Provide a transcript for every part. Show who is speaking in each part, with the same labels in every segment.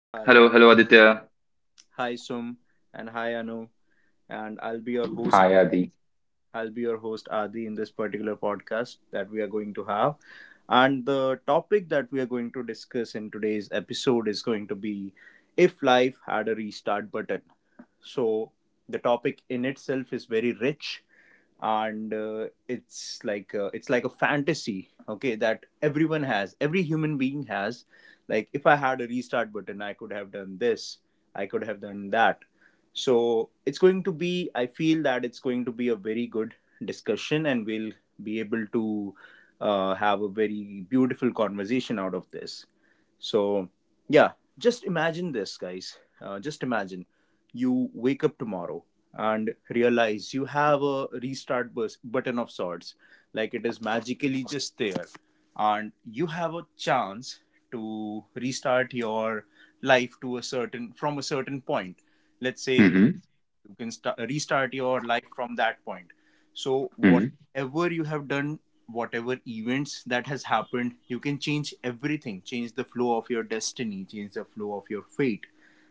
Speaker 1: Hi.
Speaker 2: Hello, hello Aditya.
Speaker 1: Hi, Sum. And hi, Anu. And I'll be your host.
Speaker 3: Hi, Adi.
Speaker 1: I'll be your host, Adi, in this particular podcast that we are going to have. And the topic that we are going to discuss in today's episode is going to be if life had a restart button. So, the topic in itself is very rich and it's like a fantasy, okay, that everyone has, every human being has, like if I had a restart button, I could have done this, I could have done that. So it's going to be, I feel that it's going to be a very good discussion, and we'll be able to have a very beautiful conversation out of this. So, yeah, just imagine this, guys. Just imagine you wake up tomorrow and realize you have a button of sorts, like it is magically just there, and you have a chance to restart your life to a certain from a certain point. Let's say
Speaker 3: hmm
Speaker 1: you can restart your life from that point, so
Speaker 3: hmm
Speaker 1: whatever you have done, whatever events that has happened, you can change everything, change the flow of your destiny, change the flow of your fate.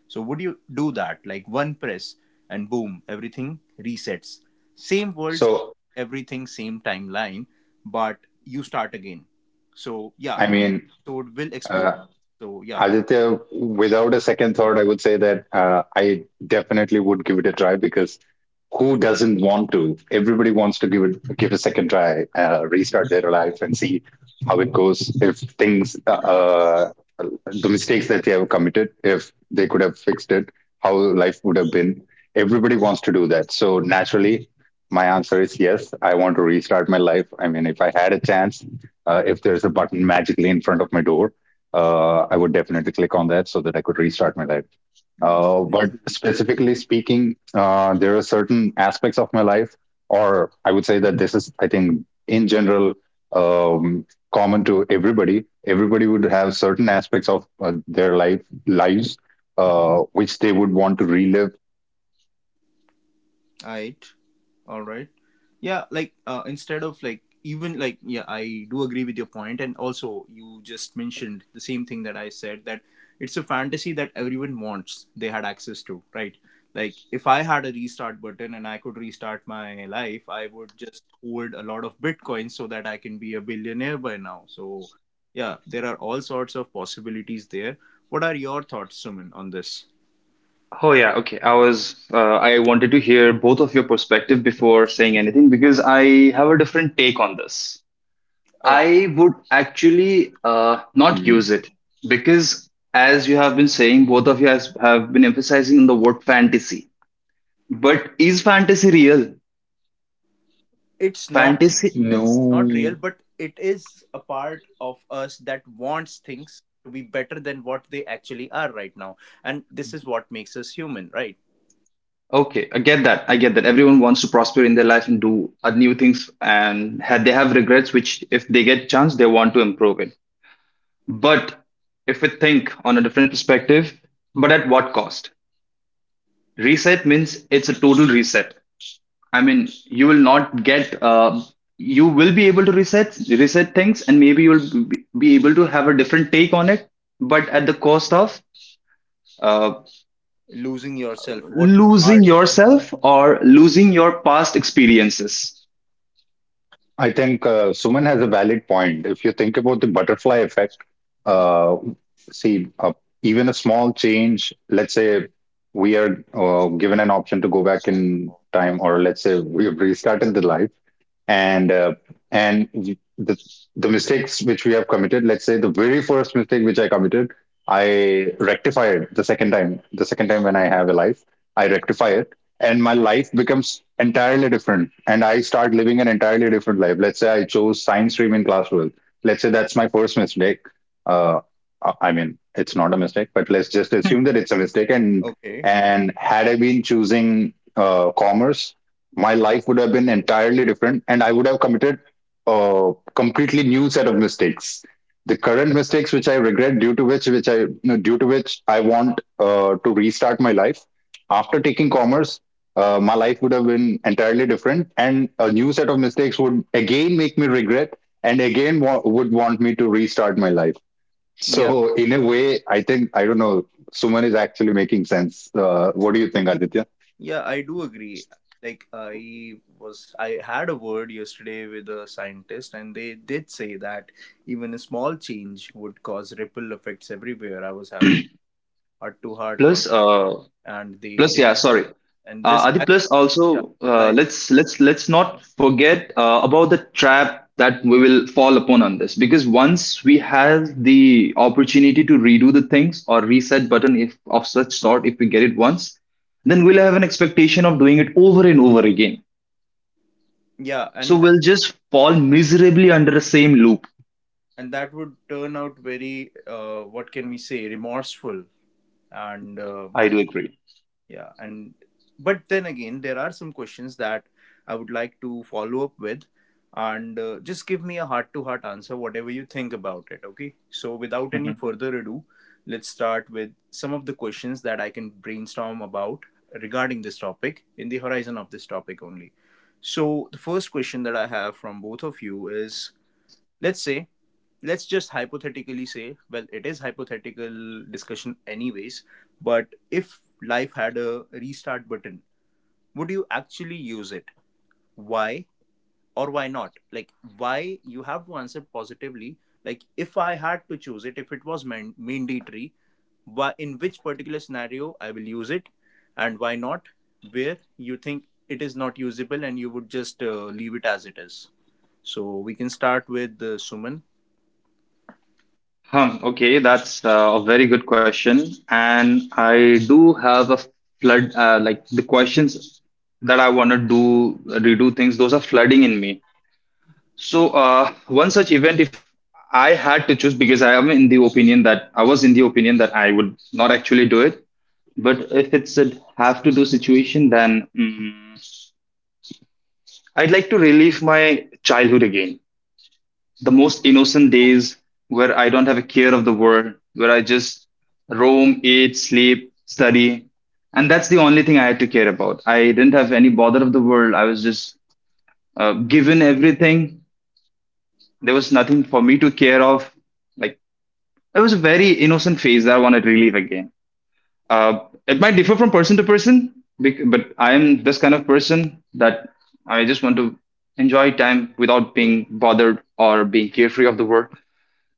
Speaker 1: So would you do that? Like one press and boom, everything resets. Same world,
Speaker 3: So,
Speaker 1: everything, same timeline, but you start again. So yeah,
Speaker 3: I mean,
Speaker 1: today's episode will explode.
Speaker 3: uh,
Speaker 1: So yeah,
Speaker 3: Aditya, without a second thought, I would say that I definitely would give it a try because who doesn't want to? Everybody wants to give a second try, restart their life, and see how it goes. If things, the mistakes that they have committed, if they could have fixed it, how life would have been. Everybody wants to do that. So naturally, my answer is yes. I want to restart my life. I mean, if I had a chance, if there's a button magically in front of my door, I would definitely click on that so that I could restart my life. But
Speaker 1: definitely, definitely.
Speaker 3: specifically speaking, there are certain aspects of my life, or I would say that this is, I think, in general, um, common to everybody. Everybody would have certain aspects of their life lives which they would want to relive.
Speaker 1: All right. All right. Yeah, like instead of like even like yeah, I do agree with your point, and also you just mentioned the same thing that I said, that it's a fantasy that everyone wants they had access to, right? Like if I had a restart button and I could restart my life, I would just hoard a lot of bitcoins so that I can be a billionaire by now. So yeah, there are all sorts of possibilities there. What are your thoughts, Suman, on this?
Speaker 2: Oh yeah, okay. I wanted to hear both of your perspective before saying anything because I have a different take on this.
Speaker 1: Oh,
Speaker 2: I would actually not
Speaker 3: Mm.
Speaker 2: use it because as you have been saying, both of you have been emphasizing on the word fantasy. But is fantasy real?
Speaker 1: it's not.
Speaker 2: Fantasy.
Speaker 3: No,
Speaker 1: Not real, but it is a part of us that wants things to be better than what they actually are right now, and this is what makes us human, right?
Speaker 2: Okay, I get that. I get that. Everyone wants to prosper in their life and do new things, and they have regrets, which if they get chance, they want to improve it. But if we think on a different perspective, but at what cost? Reset means it's a total reset. I mean, you will not get, you will be able to reset things, and maybe you'll be able to have a different take on it, but at the cost of uh,
Speaker 1: Losing yourself, what you are
Speaker 2: losing
Speaker 1: today.
Speaker 2: yourself or losing your past experiences.
Speaker 3: I think Suman has a valid point. If you think about the butterfly effect,
Speaker 1: Mm.
Speaker 3: uh, see, even a small change, let's say we are given an option to go back in time, or let's say we have restarted the life and uh, and the the mistakes which we have committed. Let's say the very first mistake which I committed, I rectified the second time. When I have a life, I rectify it, and my life becomes entirely different and I start living an entirely different life. Let's say I chose science stream in class 12. Let's say that's my first mistake. Uh, i I mean it's not a mistake, but let's just assume that it's a mistake. and
Speaker 1: Okay.
Speaker 3: and had I been choosing commerce, my life would have been entirely different and I would have committed a completely new set of mistakes. The current mistakes which I regret, due to which I want to restart my life, after taking commerce, my life would have been entirely different and a new set of mistakes would again make me regret and again would want me to restart my life.
Speaker 1: Yeah,
Speaker 3: So in a way, I think, I don't know, Suman is actually making sense. What do you think, Aditya?
Speaker 1: yeah, I do agree. Like I was, I had a word yesterday with a scientist, and they did say that even a small change would cause ripple effects everywhere. I was having heart to heart con,
Speaker 2: Plus,
Speaker 1: and they did,
Speaker 2: Yeah, sorry.
Speaker 1: and this,
Speaker 2: Adi, plus
Speaker 1: yeah,
Speaker 2: also
Speaker 1: applies.
Speaker 2: let's not forget about the trap that we will fall upon on this because once we have the opportunity to redo the things or reset button if of such sort if we get it once, then we'll have an expectation of doing it over and over again.
Speaker 1: Yeah,
Speaker 2: So we'll just fall miserably under the same loop.
Speaker 1: and that would turn out very what can we say, remorseful, and
Speaker 2: I do agree.
Speaker 1: yeah, and but then again there are some questions that I would like to follow up with, and just give me a heart to heart answer, whatever you think about it, okay. So without any further ado, let's start with some of the questions that I can brainstorm about regarding this topic, in the horizon of this topic only. So the first question that I have from both of you is, let's say, let's just hypothetically say, well, it is hypothetical discussion anyways, but if life had a restart button, would you actually use it? Why or why not? Like, why, you have to answer positively, like if I had to choose it, if it was mandatory, why, in which particular scenario I will use it, and why not, where you think it is not usable and you would just leave it as it is. So we can start with Suman.
Speaker 2: Hmm, okay, that's a very good question, and I do have a flood like the questions that I want to do redo things. Those are flooding in me. So one such event, if I had to choose, because I was in the opinion that I would not actually do it, but if it's a have to do situation, then I'd like to relive my childhood again. The most innocent days where I don't have a care of the world, where I just roam, eat, sleep, study. And that's the only thing I had to care about. I didn't have any bother of the world. I was just given everything. There was nothing for me to care of. Like, it was a very innocent phase that I want to relive again. Uh, it might differ from person to person, but I'm this kind of person that I just want to enjoy time without being bothered or being carefree of the world.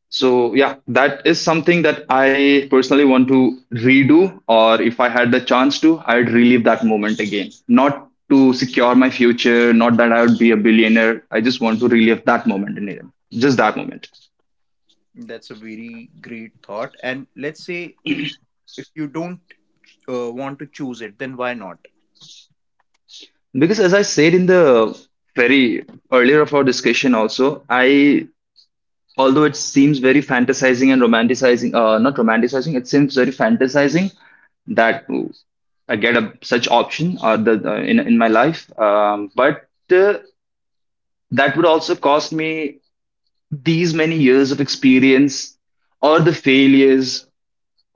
Speaker 2: So yeah, that is something that I personally want to redo, or if I had the chance to, I'd relive that moment again. Not to secure my future, not that I would be a billionaire. I just want to relive that moment in it, just that moment.
Speaker 1: That's a very great thought. And let's say if you don't want to choose it, then why not?
Speaker 2: Because as I said in the very earlier of our discussion, also I although it seems very fantasizing and romanticizing, not romanticizing, it seems very fantasizing that I get a, such option the, in my life. But that would also cost me these many years of experience, or the failures,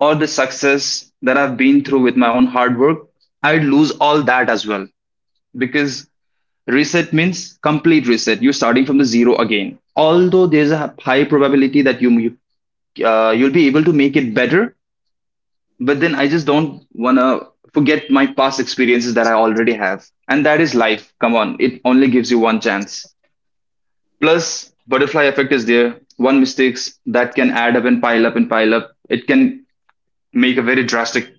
Speaker 2: or the success that I've been through with my own hard work. I'd lose all that as well because reset means complete reset. You're starting from the zero again. Although there's a high probability that you'll be able to make it better, but then I just don't want to forget my past experiences that I already have. And that is life. Come on, it only gives you one chance. Plus, butterfly effect is there. One mistakes that can add up and pile up and pile up. It can make a very drastic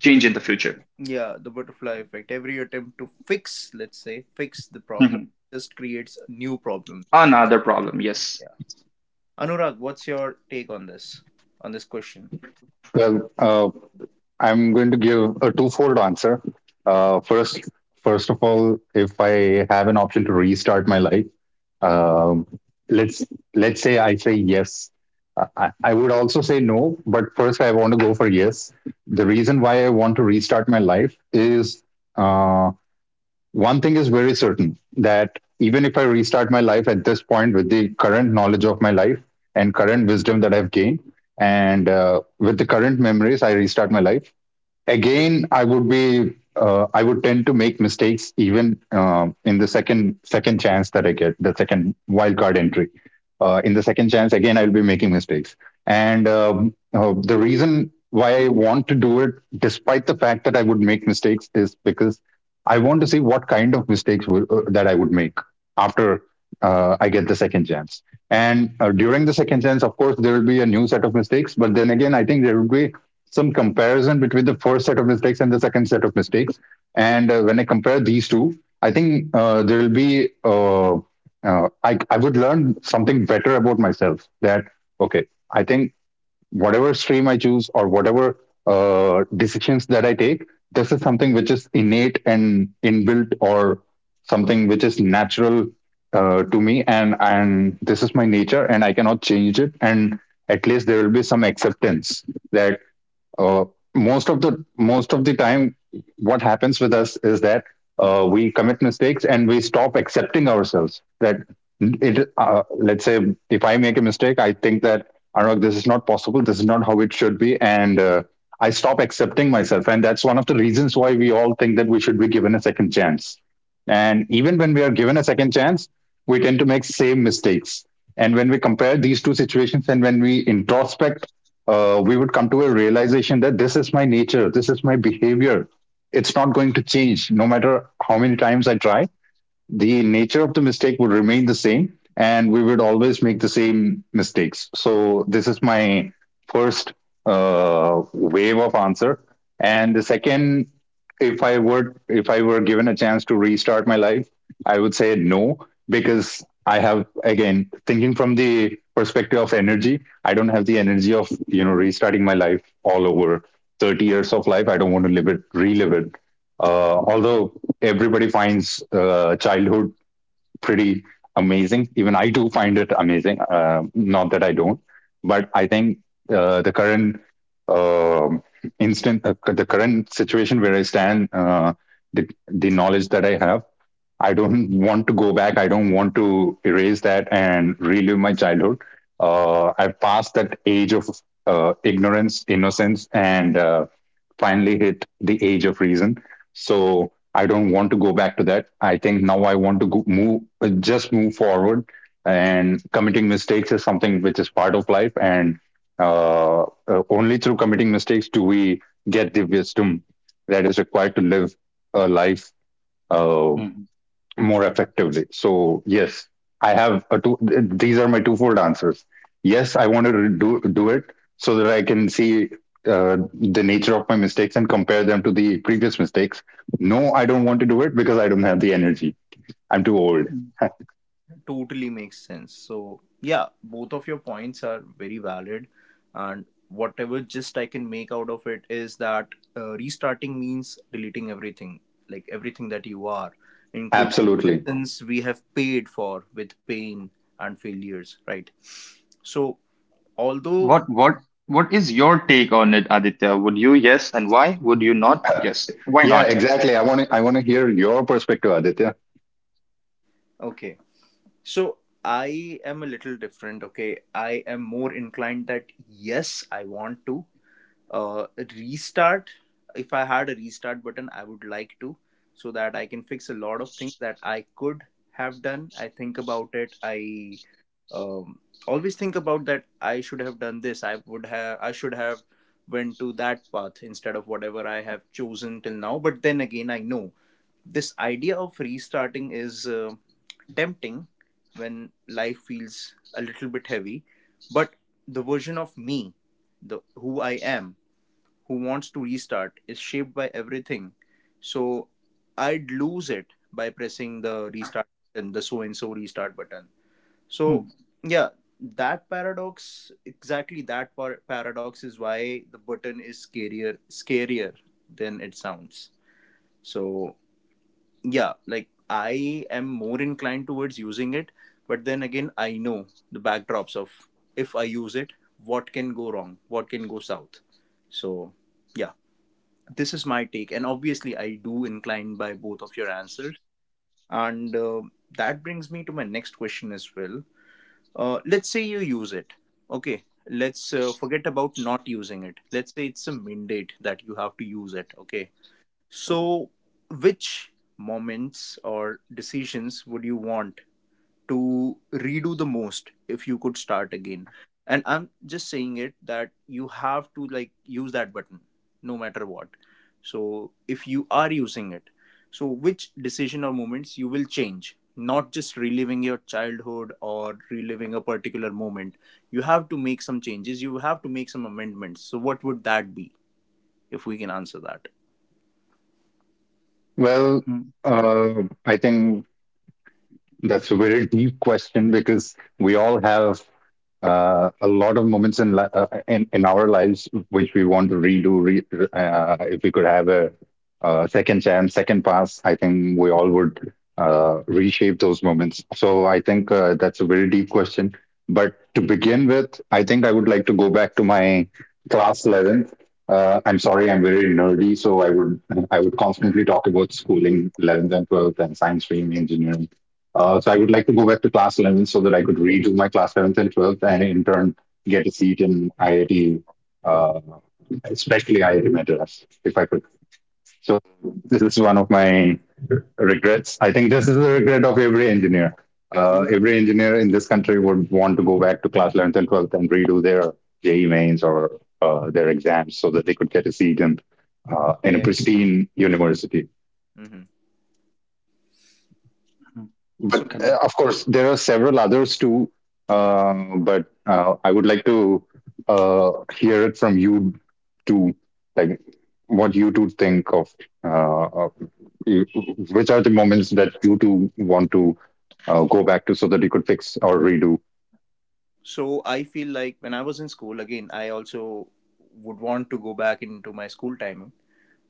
Speaker 2: change in the future.
Speaker 1: Yeah, the butterfly effect. Every attempt to fix, let's say, fix the problem
Speaker 2: Mhm.
Speaker 1: just creates new problems.
Speaker 2: Another problem, yes.
Speaker 1: Yeah. Anurag, what's your take on this question?
Speaker 3: Well, I'm going to give a twofold answer. Uh, first, First of all, if I have an option to restart my life, um, let's say I say yes. I would also say no, but first I want to go for yes. The reason why I want to restart my life is, uh, one thing is very certain, that even if I restart my life at this point with the current knowledge of my life and current wisdom that I've gained, and with the current memories, I restart my life again, I would be, I would tend to make mistakes even in the second chance that I get, the second wildcard entry. In the second chance again, I'll be making mistakes. And The reason why I want to do it despite the fact that I would make mistakes is because I want to see what kind of mistakes that I would make after I get the second chance. And during the second chance, of course there will be a new set of mistakes, but then again, I think there will be some comparison between the first set of mistakes and the second set of mistakes. And when I compare these two, I think there will be I would learn something better about myself. That okay, I think whatever stream I choose, or whatever decisions that I take, this is something which is innate and inbuilt, or something which is natural to me. And this is my nature and I cannot change it, and at least there will be some acceptance that, uh, most of the time what happens with us is that, we commit mistakes and we stop accepting ourselves. That it, let's say if I make a mistake, I think that Anurag, this is not possible, this is not how it should be, and I stop accepting myself. And that's one of the reasons why we all think that we should be given a second chance. And even when we are given a second chance, we tend to make same mistakes. And when we compare these two situations and when we introspect, we would come to a realization that this is my nature, this is my behavior. It's not going to change no matter how many times I try. The nature of the mistake would remain the same, and we would always make the same mistakes. So this is my first, wave of answer. And the second, if I were given a chance to restart my life, I would say no, because I have, again, thinking from the perspective of energy, I don't have the energy of, you know, restarting my life all over. 30 years of life, I don't want to live it, relive it. Although everybody finds childhood pretty amazing. Even I do find it amazing. Not that I don't, but I think, uh, the current um the current situation where I stand, the knowledge that I have, I don't want to go back. I don't want to erase that and relive my childhood. I've passed that age of ignorance, innocence, and finally hit the age of reason. So I don't want to go back to that. I think now I want to go, move, just move forward. And committing mistakes is something which is part of life. And only through committing mistakes do we get the wisdom that is required to live a life uh,
Speaker 2: Mhm.
Speaker 3: more effectively. So yes, I have a These are my twofold answers. Yes, I want to do it so that I can see the nature of my mistakes and compare them to the previous mistakes. No, I don't want to do it because I don't have the energy. I'm too old.
Speaker 1: Totally makes sense. So, yeah, both of your points are very valid. And whatever gist I can make out of it is that restarting means deleting everything, like everything that you are, including
Speaker 3: Absolutely.
Speaker 1: lessons we have paid for with pain and failures, right? So, although,
Speaker 2: What what what is your take on it, Aditya? Would you yes, and why would you not yes? Why
Speaker 3: Yeah,
Speaker 2: not?
Speaker 3: exactly. I want to hear your perspective, Aditya.
Speaker 1: okay, so I am a little different, okay? I am more inclined that yes, I want to, uh, restart. If I had a restart button, I would like to, so that I can fix a lot of things that I could have done I think about it I um, always think about that I should have done this, I would have, I should have went to that path instead of whatever I have chosen till now. But then again, I know this idea of restarting is tempting when life feels a little bit heavy, but the version of me, the who I am, who wants to restart is shaped by everything. So I'd lose it by pressing the restart button, the so and so restart button. So
Speaker 2: Mhm.
Speaker 1: yeah, that paradox, exactly that paradox is why the button is scarier, scarier than it sounds. So yeah, like I am more inclined towards using it, but then again, I know the backdrops of, if I use it, what can go wrong, what can go south. So yeah, this is my take, and obviously I do incline by both of your answers, and that brings me to my next question as well. Let's say you use it, okay, let's forget about not using it, let's say it's a mandate that you have to use it, okay. So which moments or decisions would you want to redo the most if you could start again? And I'm just saying it that you have to like use that button no matter what. So if you are using it, so which decision or moments you will change, not just reliving your childhood or reliving a particular moment, you have to make some changes, you have to make some amendments, so what would that be if we can answer that?
Speaker 3: Well,
Speaker 2: Mhm.
Speaker 3: uh, I think that's a very deep question because we all have a lot of moments in our lives which we want to redo. If we could have a, uh, second chance, second pass, I think we all would, reshape those moments. So I think that's a very deep question. But to begin with, I think I would like to go back to my class 11th. I'm sorry, I'm very nerdy, so I would constantly talk about schooling, 11th and 12th, and science stream, engineering. So I would like to go back to class 11 so that I could redo my class 11th and 12th, and in turn get a seat in IIT, uh, especially IIT Madras, if I could. So this is one of my regrets. I think this is the regret of every engineer.
Speaker 1: Yeah,
Speaker 3: Every engineer in this country would want to go back to class 11th and 12th and redo their JE mains, or their exams, so that they could get a seat in a
Speaker 1: yeah.
Speaker 3: pristine university.
Speaker 1: Hmm. So.
Speaker 3: But
Speaker 2: Good one.
Speaker 3: of course there are several others too. But I would like to hear it from you too, like what you two think of, uh, of- you- which are the moments that you two want to go back to, so that you could fix or redo.
Speaker 1: So I feel like when I was in school, again, I also would want to go back into my school timing.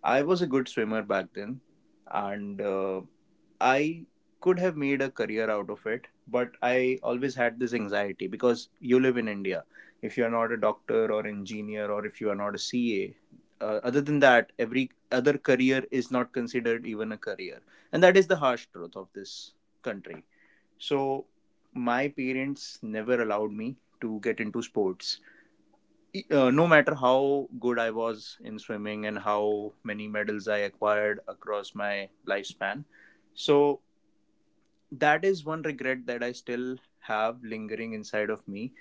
Speaker 1: I was a good swimmer back then, and I could have made a career out of it, but I always had this anxiety because you live in India. If you are not a doctor or engineer, or if you are not a CA, other than that, every other career is not considered even a career, and that is the harsh truth of this country. So, my parents never allowed me to get into sports. No matter how good I was in swimming and how many medals I acquired across my lifespan. So, that is one regret that I still have lingering inside of me.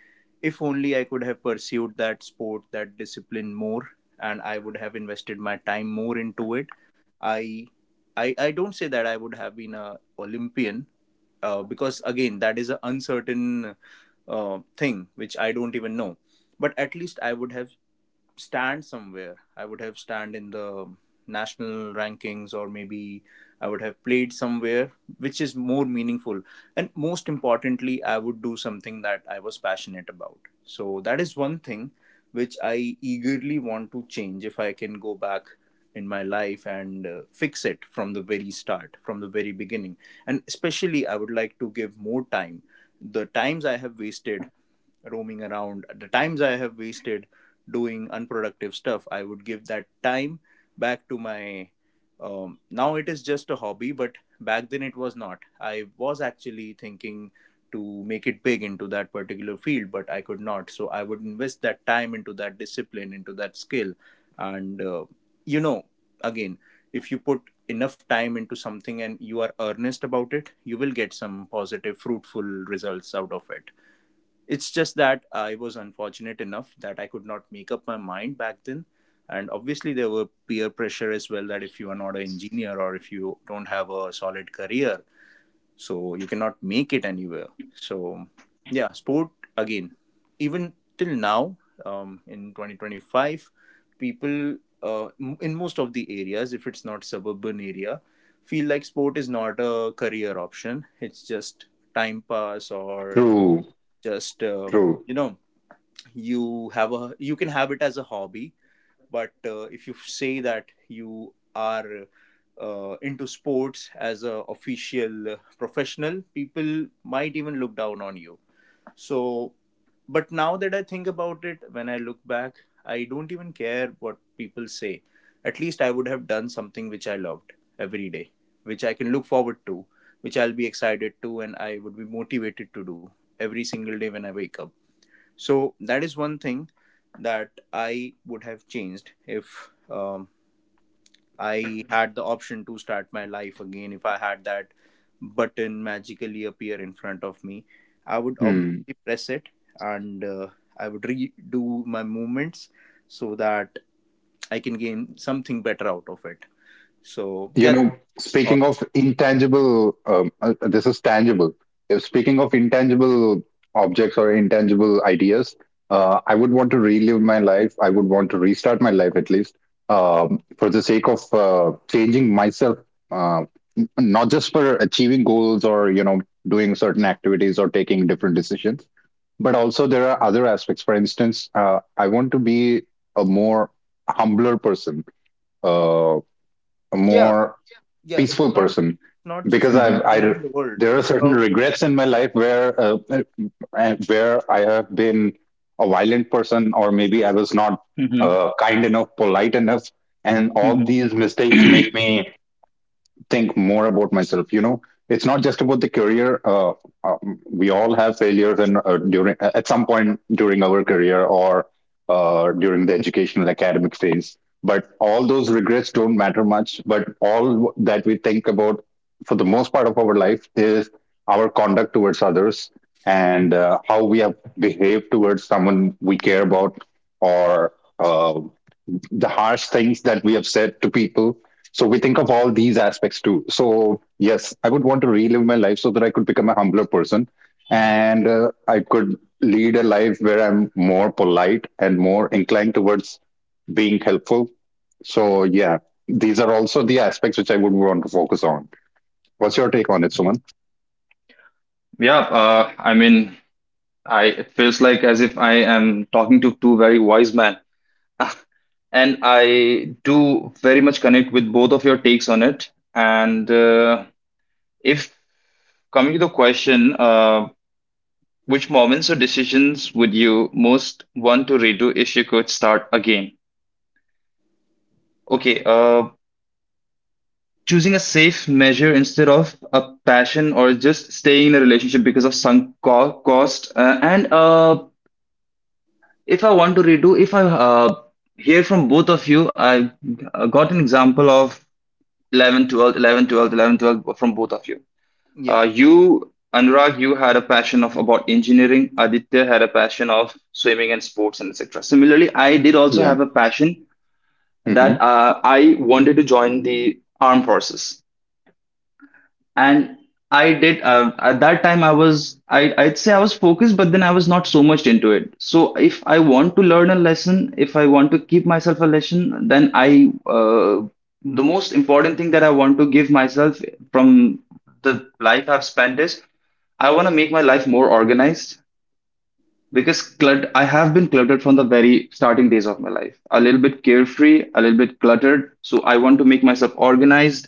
Speaker 1: If only I could have pursued that sport, that discipline more, and I would have invested my time more into it. I I don't say that I would have been a Olympian, because again that is an uncertain thing which I don't even know. But at least I would have stand somewhere. I would have stand in the national rankings, or maybe I would have played somewhere which is more meaningful. And most importantly, I would do something that I was passionate about. So that is one thing which I eagerly want to change if I can go back in my life and fix it from the very start, from the very beginning. And especially I would like to give more time, the times I have wasted roaming around, the times I have wasted doing unproductive stuff, I would give that time back to my, now it is just a hobby, but back then it was not, I was actually thinking to make it big into that particular field, but I could not, so I would invest that time into that discipline, into that skill. And uh, you know again, if you put enough time into something and you are earnest about it, you will get some positive fruitful results out of it. It's just that I was unfortunate enough that I could not make up my mind back then. And obviously, there were peer pressure as well, that if you are not an engineer or if you don't have a solid career, so you cannot make it anywhere. So, yeah, sport, again, even till now, in 2025, people uh, in most of the areas, if it's not suburban area, feel like sport is not a career option. It's just time pass or
Speaker 3: True.
Speaker 1: just,
Speaker 3: True.
Speaker 1: you know, you can have it as a hobby, but if you say that you are into sports as a official professional, people might even look down on you, so. But now that I think about it, when I look back, I don't even care what people say. At least I would have done something which I loved every day, which I can look forward to, which I'll be excited to, and I would be motivated to do every single day when I wake up. So that is one thing that I would have changed if I had the option to start my life again. If I had that button magically appear in front of me, I would obviously press it, and I would redo my movements so that I can gain something better out of it. So
Speaker 3: You
Speaker 1: yeah, that's
Speaker 3: know,
Speaker 1: all.
Speaker 3: speaking of intangible, this is tangible, if speaking of intangible objects or intangible ideas, I would want to relive my life. I would want to restart my life, at least for the sake of changing myself. uh, Not just for achieving goals, or, you know, doing certain activities or taking different decisions, but also there are other aspects. For instance, I want to be a more humbler person, uh, a
Speaker 1: Yeah,
Speaker 3: more
Speaker 1: yeah. It's
Speaker 3: peaceful
Speaker 1: not
Speaker 3: person,
Speaker 1: not just
Speaker 3: because
Speaker 1: about
Speaker 2: Mhm.
Speaker 3: I,
Speaker 1: changing the world.
Speaker 3: there are
Speaker 1: It's
Speaker 3: certain
Speaker 1: about,
Speaker 3: regrets in my life where I have been a violent person, or maybe I was not
Speaker 2: Mhm.
Speaker 3: kind enough, polite enough, and all
Speaker 2: Mhm.
Speaker 3: these mistakes make me think more about myself. You know, it's not just about the career. We all have failures, and during at some point during our career, or during the educational academic phase. But all those regrets don't matter much. But all that we think about for the most part of our life is our conduct towards others and how we have behaved towards someone we care about or uh, the harsh things that we have said to people. So we think of all these aspects too. So yes, I would want to relive my life so that I could become a humbler person, and I could lead a life where I'm more polite and more inclined towards being helpful. So yeah, these are also the aspects which I would want to focus on. What's your take on it, Suman?
Speaker 2: Yeah, I mean, I it feels like as if I am talking to two very wise men, and I do very much connect with both of your takes on it. And if coming to the question, which moments or decisions would you most want to redo if you could start again? Okay, choosing a safe measure instead of a passion, or just staying in a relationship because of sunk cost, and if I want to redo, if I hear from both of you, I got an example of 11, 12, 11, 12, 11, 12 from both of you.
Speaker 1: yeah,
Speaker 2: You, Anurag, you had a passion of about engineering. Aditya had a passion of swimming and sports and etc. Similarly, I did also
Speaker 3: Yeah,
Speaker 2: have a passion
Speaker 3: hmm
Speaker 2: that I wanted to join the armed forces, and I did at that time, I'd say I was focused, but then I was not so much into it. So if I want to learn a lesson if I want to keep myself a lesson, then I the most important thing that I want to give myself from the life I've spent is I want to make my life more organized because clutter I have been cluttered from the very starting days of my life, a little bit carefree, a little bit cluttered. So I want to make myself organized.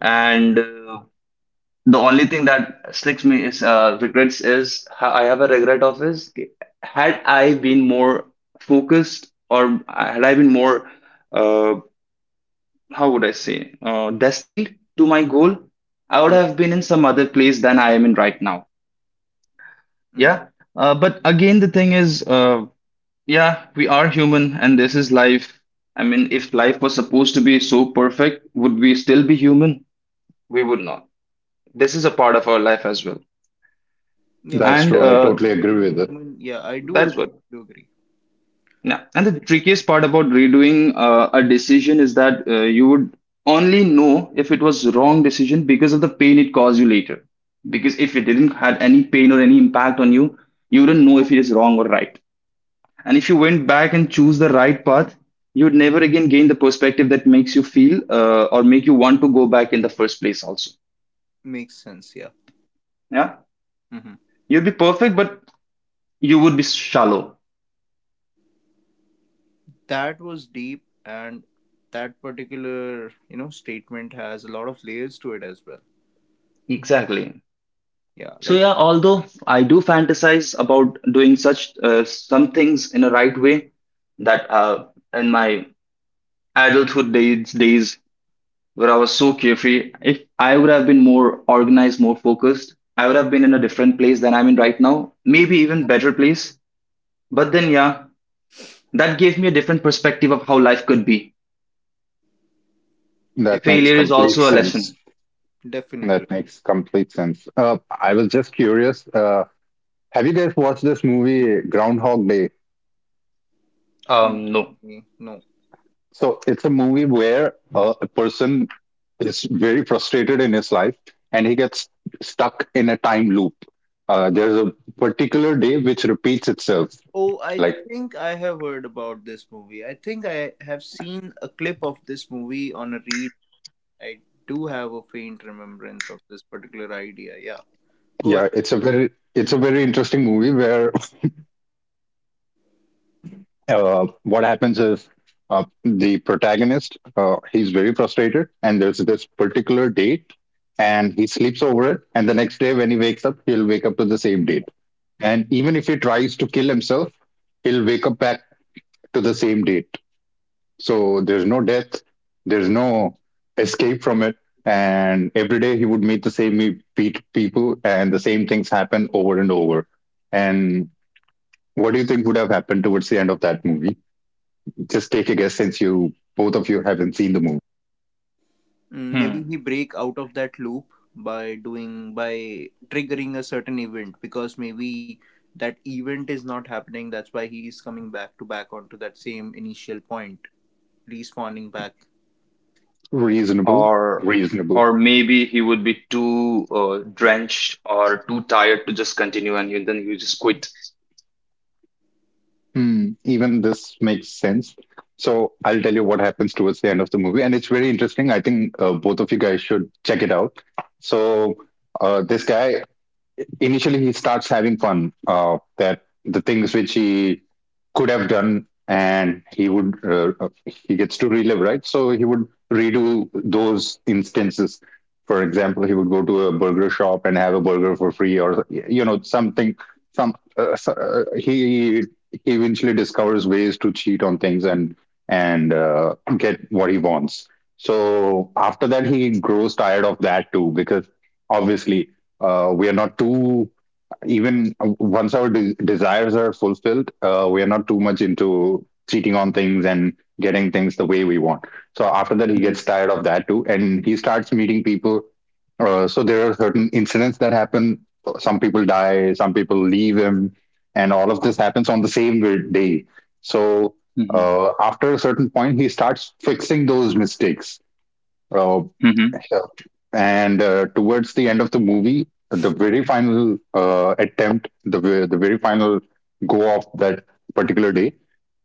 Speaker 2: And the only thing that sticks me is regrets is I have a regret of is, had I been more focused or had I been more uh, how would I say destined to my goal, I
Speaker 1: yeah,
Speaker 2: would have been in some other place than I am in right now.
Speaker 1: mm,
Speaker 2: Yeah. But again, the thing is, yeah, we are human and this is life. I mean, if life was supposed to be so perfect, would we still be human? We would not. This is a part of our life as well.
Speaker 1: yeah.
Speaker 3: that's
Speaker 2: And
Speaker 3: true.
Speaker 1: Being,
Speaker 3: I totally agree
Speaker 1: being
Speaker 3: with it.
Speaker 1: human. Yeah, I do
Speaker 2: That is
Speaker 1: agree.
Speaker 2: what.
Speaker 1: Do agree.
Speaker 2: Yeah. And the
Speaker 1: It
Speaker 2: trickiest part about redoing a decision is that you would only know if it was wrong decision because of the pain it caused you later. Because if it didn't had any pain or any impact on you, you wouldn't know if it is wrong or right. And if you went back and choose the right path, you would never again gain the perspective that makes you feel or make you want to go back in the first place also.
Speaker 1: makes sense, yeah.
Speaker 2: Yeah.
Speaker 1: Hmm.
Speaker 2: You'd be perfect, but you would be shallow.
Speaker 1: That was deep, and that particular statement has a lot of layers to it as well.
Speaker 2: Exactly.
Speaker 1: Yeah,
Speaker 2: So
Speaker 1: like
Speaker 2: yeah, although I do fantasize about doing such some things in a right way that in my adulthood days, days where I was so carefree, if I would have been more organized, more focused, I would have been in a different place than I'm in right now, maybe even better place. But then yeah, that gave me a different perspective of how life could be.
Speaker 3: That
Speaker 1: definitely,
Speaker 3: makes
Speaker 2: Failure is
Speaker 3: complete
Speaker 2: also a
Speaker 3: sense.
Speaker 2: lesson.
Speaker 1: definitely.
Speaker 3: That makes complete sense. I was just curious. Have you guys watched this movie Groundhog Day?
Speaker 1: No,
Speaker 2: No.
Speaker 1: me, no.
Speaker 3: So it's a movie where a person is very frustrated in his life and he gets stuck in a time loop. There's a particular day which repeats itself.
Speaker 1: Oh, I
Speaker 3: Like
Speaker 1: think I have heard about this movie. I think I have seen a clip of this movie on a reel. I do have a faint remembrance of this particular idea. Yeah, go ahead.
Speaker 3: yeah, it's a very interesting movie where, what happens is, the protagonist, he's very frustrated, and there's this particular date, and he sleeps over it, and the next day when he wakes up he'll wake up to the same date. And even if he tries to kill himself he'll wake up back to the same date, so there's no death, there's no escape from it. And every day he would meet the same people and the same things happen over and over. And what do you think would have happened towards the end of that movie? Just take a guess, since you both of you haven't seen the movie.
Speaker 1: Mm, maybe
Speaker 2: Hmm.
Speaker 1: he break out of that loop by doing by triggering a certain event, because maybe that event is not happening, that's why he is coming back to back onto that same initial point, respawning back.
Speaker 3: Reasonable,
Speaker 2: or
Speaker 3: reasonable.
Speaker 2: or maybe he would be too drenched or too tired to just continue and then he would just quit.
Speaker 3: Hmm, even this makes sense. So I'll tell you what happens towards the end of the movie, and it's very interesting. I think both of you guys should check it out. So this guy initially he starts having fun, that the things which he could have done, and he would he gets to relive, right? So he would redo those instances. For example, he would go to a burger shop and have a burger for free, or you know, something. some uh, so- uh, he he eventually discovers ways to cheat on things and get what he wants. So after that he grows tired of that too, because obviously, we are not too, even once our desires are fulfilled, we are not too much into cheating on things and getting things the way we want. So after that he
Speaker 2: Hmm.
Speaker 3: gets tired of that too, and he starts meeting people. So there are certain incidents that happen. Some people die, some people leave him, and all of this happens on the same day. So after a certain point he starts fixing those mistakes. uh,
Speaker 2: Hmm.
Speaker 3: Sure. And
Speaker 1: Oh,
Speaker 3: towards the end of the movie, the very final attempt, the the very final go of that particular day,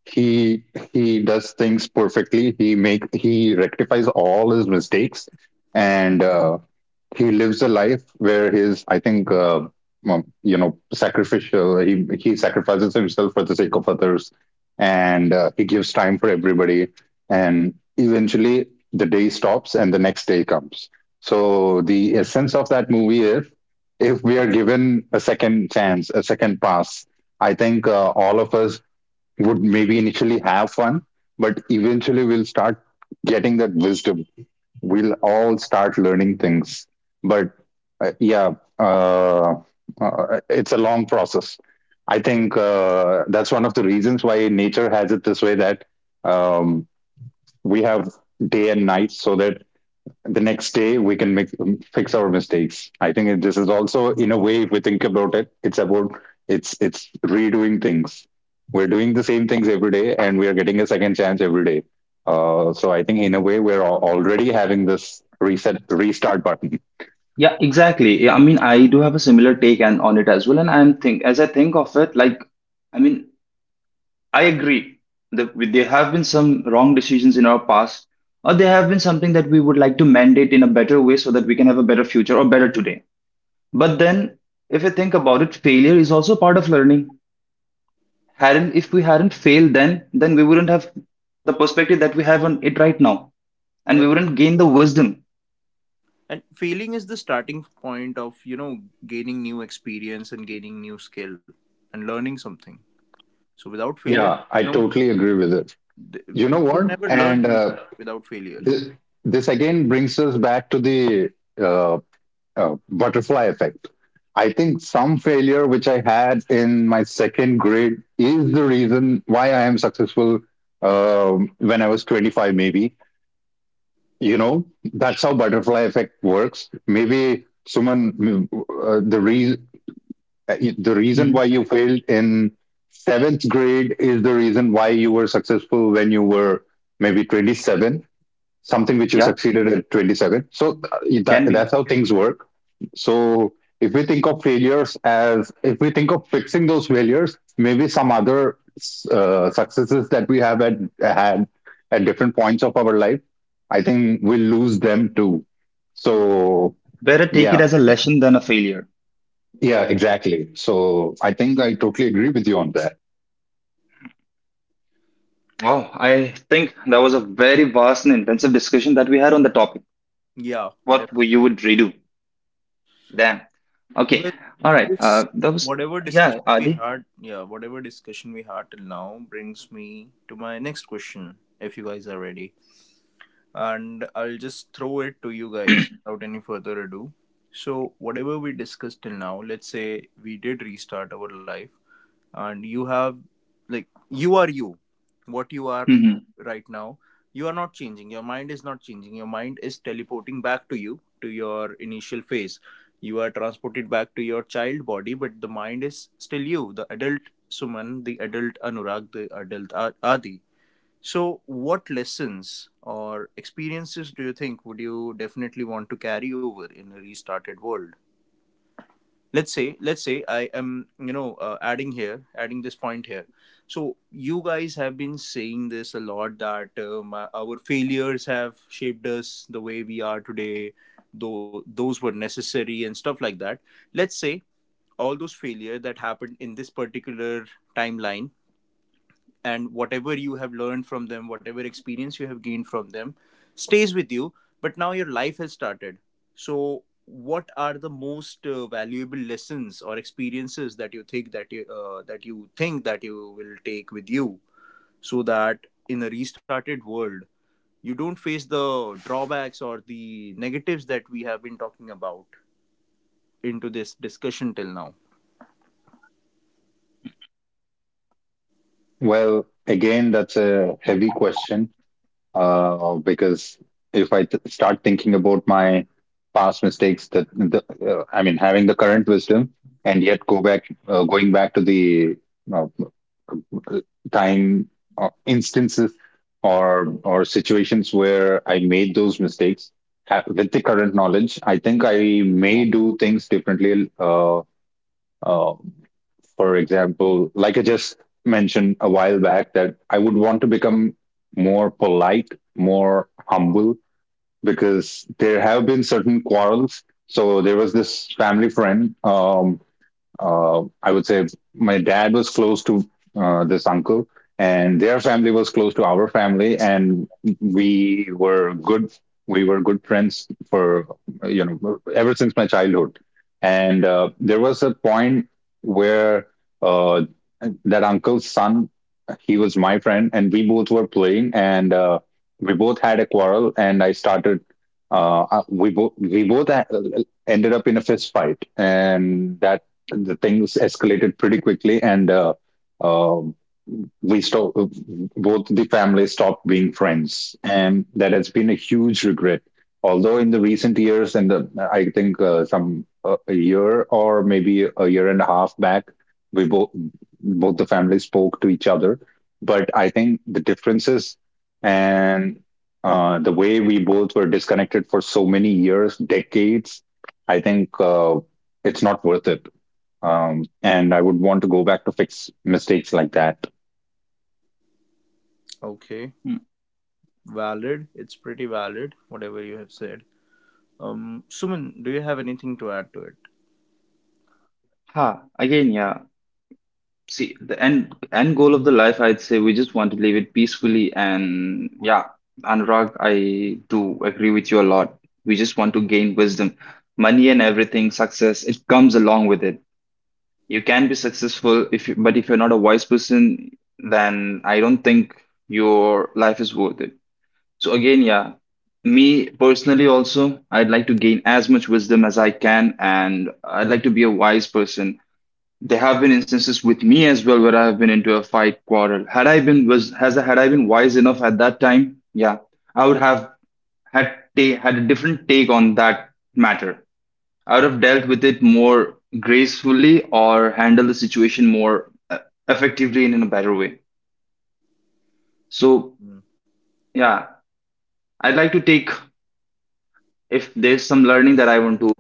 Speaker 3: he he does things perfectly. He rectifies all his mistakes, and he lives a life where his, I think well, you know, sacrificial, he sacrifices himself for the sake of others, and he gives time for everybody, and eventually the day stops and the next day comes. So the essence of that movie is, if we are given a second chance, a second pass, I think all of us would maybe initially have fun, but eventually we'll start getting that wisdom, we'll all start learning things. But yeah uh, it's a long process. I think that's one of the reasons why nature has it this way, that um, we have day and night, so that the next day we can fix our mistakes. I think this is also, in a way, if we think about it, it's about, it's redoing things. We're doing the same things every day, and we are getting a second chance every day. So I think, in a way, we're already having this reset restart button.
Speaker 2: Yeah, exactly. Yeah, I mean, I do have a similar take and on it as well. And I'm think as I think of it, like, I mean, I agree that there have been some wrong decisions in our past, or there have been something that we would like to mandate in a better way so that we can have a better future or better today. But then, if you think about it, failure is also part of learning. Hadn't If we hadn't failed, then we wouldn't have the perspective that we have on it right now, and we
Speaker 1: def-
Speaker 2: wouldn't gain the wisdom.
Speaker 1: and failing is the starting point of gaining new experience and gaining new skill and learning something. So without failure,
Speaker 3: Yeah, I
Speaker 1: no,
Speaker 3: totally agree with it.
Speaker 1: th-
Speaker 3: You know
Speaker 1: you can
Speaker 3: what?
Speaker 1: never learn
Speaker 3: And
Speaker 1: anything without failure,
Speaker 3: this, this again brings us back to the uh, butterfly effect. I think some failure which I had in my second grade is the reason why I am successful, when I was 25, maybe. You know, that's how butterfly effect works. Maybe someone, uh, the, re- the reason why
Speaker 2: Mhm.
Speaker 3: you failed in seventh grade is the reason why you were successful when you were maybe 27, something which you
Speaker 2: Yeah,
Speaker 3: succeeded at 27. So
Speaker 2: it
Speaker 3: that,
Speaker 2: can be.
Speaker 3: that's how things work. So if we think of failures, as if we think of fixing those failures, maybe some other successes that we have had at different points of our life, I think we'll lose them too. So
Speaker 2: Better take it
Speaker 3: yeah,
Speaker 2: as a lesson than a failure.
Speaker 3: yeah, exactly. So I think I totally agree with you on that.
Speaker 2: Wow, I think that was a very vast and intensive discussion that we had on the topic.
Speaker 1: yeah.
Speaker 2: What would you would redo? Damn. Okay.
Speaker 1: Well,
Speaker 2: All right,
Speaker 1: this
Speaker 2: that was
Speaker 1: whatever
Speaker 2: yeah,
Speaker 1: discussion we
Speaker 2: Adi.
Speaker 1: had, yeah, whatever discussion we had till now brings me to my next question, if you guys are ready. And I'll just throw it to you guys without any further ado. So, whatever we discussed till now, let's say we did restart our life, and you have like you are you what you are
Speaker 2: Mm-hmm.
Speaker 1: right now. You are not changing, your mind is not changing, your mind is teleporting back to your initial phase. You are transported back to your child body, but the mind is still you, the adult Suman, the adult Anurag, the adult Adi. So what lessons or experiences do you think would you definitely want to carry over in a restarted world? Let's say I am, adding this point here. So you guys have been saying this a lot that our failures have shaped us the way we are today, though those were necessary and stuff like that. Let's say all those failure that happened in this particular timeline, and whatever you have learned from them, whatever experience you have gained from them, stays with you. But now your life has started. So what are the most valuable lessons or experiences that you think that you will take with you, so that in a restarted world, you don't face the drawbacks or the negatives that we have been talking about into this discussion till now?
Speaker 3: Well, again, that's a heavy question. Because if I start thinking about my past mistakes, that the, I mean, having the current wisdom and yet go back, going back to the uh, time instances or situations where I made those mistakes with the current knowledge, I think I may do things differently. Uh, for example, like I just mentioned a while back, that I would want to become more polite, more humble, because there have been certain quarrels. So there was this family friend. I would say my dad was close to this uncle, and their family was close to our family, and we were good. We were good friends for, you know, ever since my childhood. And there was a point where, uh, that uncle's son, he was my friend, and we both were playing, and we both had a quarrel, and I started. We both ended up in a fist fight, and that, the things escalated pretty quickly, and um we stopped. Both the families stopped being friends, and that has been a huge regret. Although in the recent years, and the, I think some a year or maybe a year and a half back, we both both the families spoke to each other. But I think the differences and the way we both were disconnected for so many years, decades, I think it's not worth it. And I would want to go back to fix mistakes like that.
Speaker 1: Okay, valid. It's pretty valid, whatever you have said. Suman, do you have anything to add to it?
Speaker 2: Ha, again, yeah. See, the end goal of the life, I'd say we just want to live it peacefully. And yeah, Anurag, I do agree with you a lot. We just want to gain wisdom. Money and everything, success, it comes along with it. You can be successful if you, but if you're not a wise person, then I don't think your life is worth it. So again, yeah, me personally also, I'd like to gain as much wisdom as I can, and I'd like to be a wise person. There have been instances with me as well where I have been into a fight quarrel. Had I been wise enough at that time, yeah, I would have had a different take on that matter. I would have dealt with it more gracefully or handled the situation more effectively and in a better way. So
Speaker 1: Mm,
Speaker 2: yeah, I'd like to take if there's some learning that I want to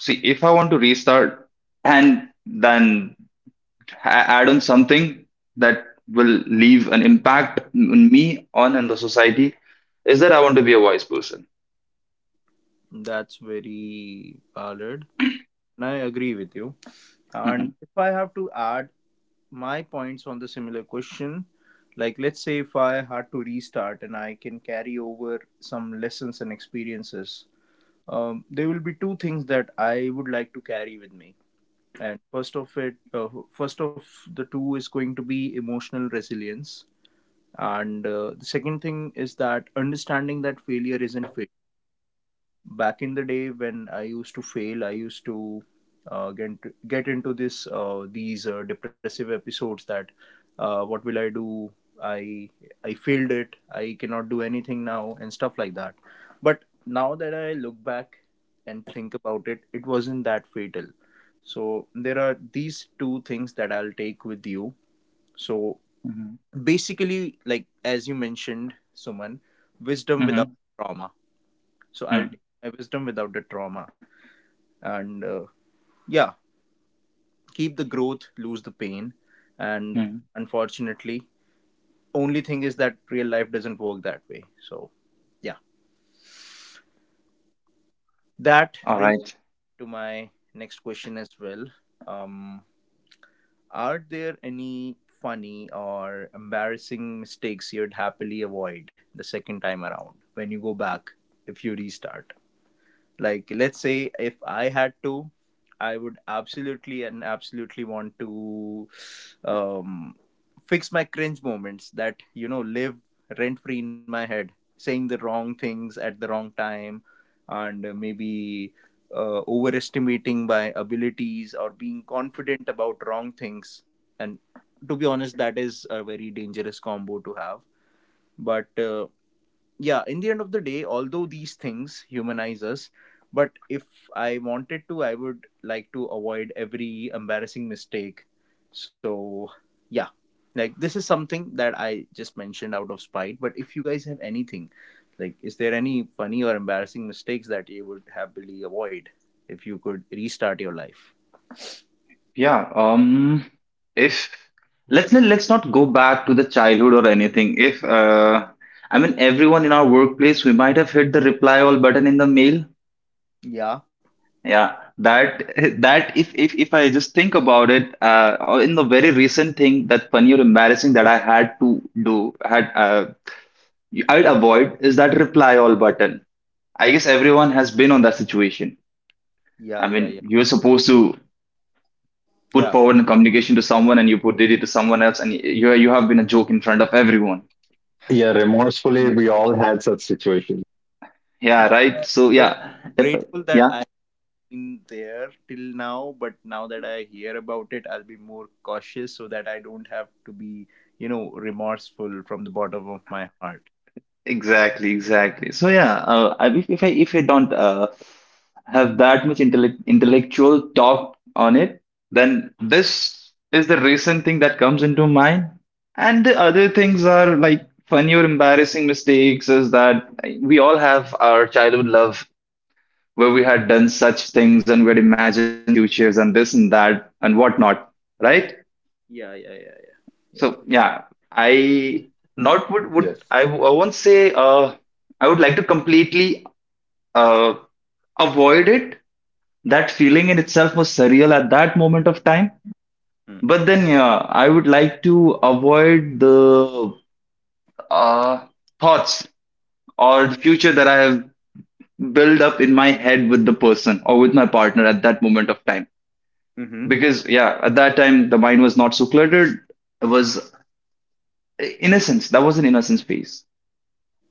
Speaker 2: see if I want to restart and then add on something that will leave an impact on me on and the society is that I want to be a wise person.
Speaker 1: that's very valid. And I agree with you. And
Speaker 2: Mhm.
Speaker 1: if I have to add my points on the similar question, like, let's say if I had to restart and I can carry over some lessons and experiences, there will be two things that I would like to carry with me. And first of the two is going to be emotional resilience, and the second thing is that understanding that failure isn't failure. Back in the day when I used to fail, I used to uh, get get into this these depressive episodes that what will I do? I I failed it. I cannot do anything now and stuff like that. But now that I look back and think about it, it wasn't that fatal. So there are these two things that I'll take with you. So
Speaker 2: Mhm.
Speaker 1: basically, like as you mentioned, Suman, wisdom without
Speaker 2: Mhm.
Speaker 1: trauma. So I'll
Speaker 2: Mhm.
Speaker 1: take my wisdom without the trauma, and yeah, keep the growth, lose the pain. And
Speaker 2: Mhm.
Speaker 1: unfortunately, only thing is that real life doesn't work that way, so yeah. That
Speaker 2: All
Speaker 1: brings
Speaker 2: right.
Speaker 1: me to my next question as well. um are there any funny or embarrassing mistakes you'd happily avoid the second time around when you go back, if you restart? Like, let's say if I had to, I would absolutely and absolutely want to um, fix my cringe moments that, live rent free in my head, saying the wrong things at the wrong time, and maybe overestimating my abilities or being confident about wrong things. And to be honest, that is a very dangerous combo to have. But yeah, in the end of the day, although these things humanize us, but if I wanted to, I would like to avoid every embarrassing mistake, so yeah. Like, this is something that I just mentioned out of spite, but if you guys have anything, like, is there any funny or embarrassing mistakes that you would happily avoid if you could restart your life?
Speaker 2: Yeah. If let's not- Let's not go back to the childhood or anything. If I mean everyone in our workplace, we might have hit the reply all button in the mail.
Speaker 1: Yeah,
Speaker 2: Yeah, that if I just think about it, or in the very recent thing that funny or embarrassing that I had to do, had I'd avoid is that reply all button. I guess everyone has been on that situation.
Speaker 1: yeah,
Speaker 2: I
Speaker 1: yeah, yeah,
Speaker 2: mean, you're supposed to put
Speaker 1: yeah.
Speaker 2: forward a communication to someone, and you put did it to someone else, and you have been a joke in front of everyone.
Speaker 3: Yeah, remorsefully, we all had such situations.
Speaker 1: Mm,
Speaker 2: Yeah, right. So
Speaker 1: well,
Speaker 2: yeah, if
Speaker 1: grateful that
Speaker 2: yeah.
Speaker 1: I in there till now. But now that I hear about it, I'll be more cautious so that I don't have to be, remorseful from the bottom of my heart.
Speaker 2: Exactly, exactly. So yeah, I, if I don't have that much intellectual talk on it, then this is the recent thing that comes into mind. And the other things are like funny or embarrassing mistakes is that we all have our childhood love where we had done such things and we had imagined futures and this and that and whatnot, right?
Speaker 1: Yeah, yeah, yeah, yeah.
Speaker 2: So yeah, I not would would
Speaker 3: Yes.
Speaker 2: I won't say I would like to completely uh, avoid it. That feeling in itself was surreal at that moment of time.
Speaker 1: Yeah. Mm.
Speaker 2: But then, yeah, I would like to avoid the uh, thoughts or the future that I have built up in my head with the person or with my partner at that moment of time.
Speaker 1: Mm-hmm.
Speaker 2: Because, yeah, at that time, the mind was not so cluttered. It was innocence. That was an innocence phase.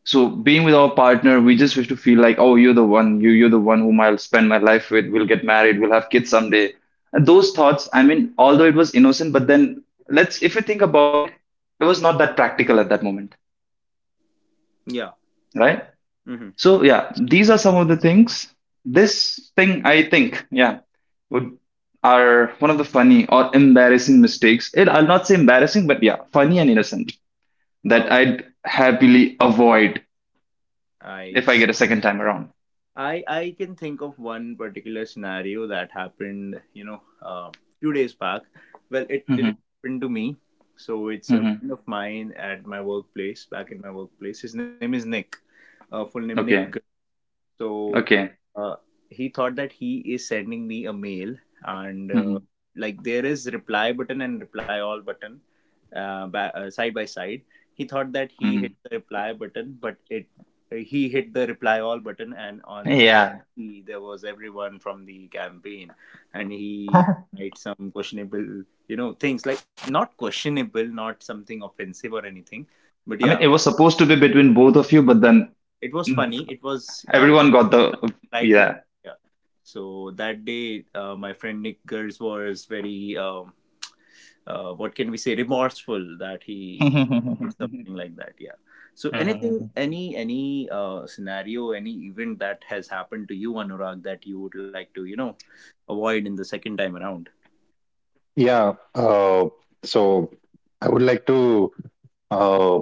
Speaker 2: So being with our partner, we just wish to feel like, oh, you're the one, you're the one whom I'll spend my life with. We'll get married, we'll have kids someday. And those thoughts, I mean, although it was innocent, but then let's if you think about it, it was not that practical at that moment,
Speaker 1: Yeah.
Speaker 2: right?
Speaker 1: Mm-hmm.
Speaker 2: So yeah, these are some of the things. This thing, I think, yeah, would are one of the funny or embarrassing mistakes. It, I'll not say embarrassing, but yeah, funny and innocent that
Speaker 1: Oh,
Speaker 2: I'd happily avoid
Speaker 1: I
Speaker 2: if I
Speaker 1: see.
Speaker 2: get a second time around.
Speaker 1: I can think of one particular scenario that happened, few days back. Well, it
Speaker 2: Hmm.
Speaker 1: didn't happen to me. So it's a friend of mine at my workplace, back in my workplace. His name is Nick. Full name Nick.
Speaker 2: Okay.
Speaker 1: So
Speaker 2: Okay.
Speaker 1: uh, he thought that he is sending me a mail, and
Speaker 2: Hmm.
Speaker 1: like, there is reply button and reply all button, side by side. He thought that he hit
Speaker 2: Hmm.
Speaker 1: the reply button, but it he hit the reply all button. And
Speaker 2: Yeah.
Speaker 1: there was everyone from the campaign. And he
Speaker 2: I
Speaker 1: made some questionable things, like, not questionable, not something offensive or anything, but yeah,
Speaker 2: mean, it was supposed to be between both of you, but then
Speaker 1: it was
Speaker 2: mm,
Speaker 1: funny, it was
Speaker 2: everyone got the.
Speaker 1: light humor.
Speaker 2: Yeah.
Speaker 1: Yeah. So that day, my friend Nick Gers was very, what can we say, remorseful that he did something like that. Yeah. So anything,
Speaker 2: Mhm.
Speaker 1: any scenario, any event that has happened to you, Anurag, that you would like to, avoid in the second time around.
Speaker 3: Yeah. So I would like to uh,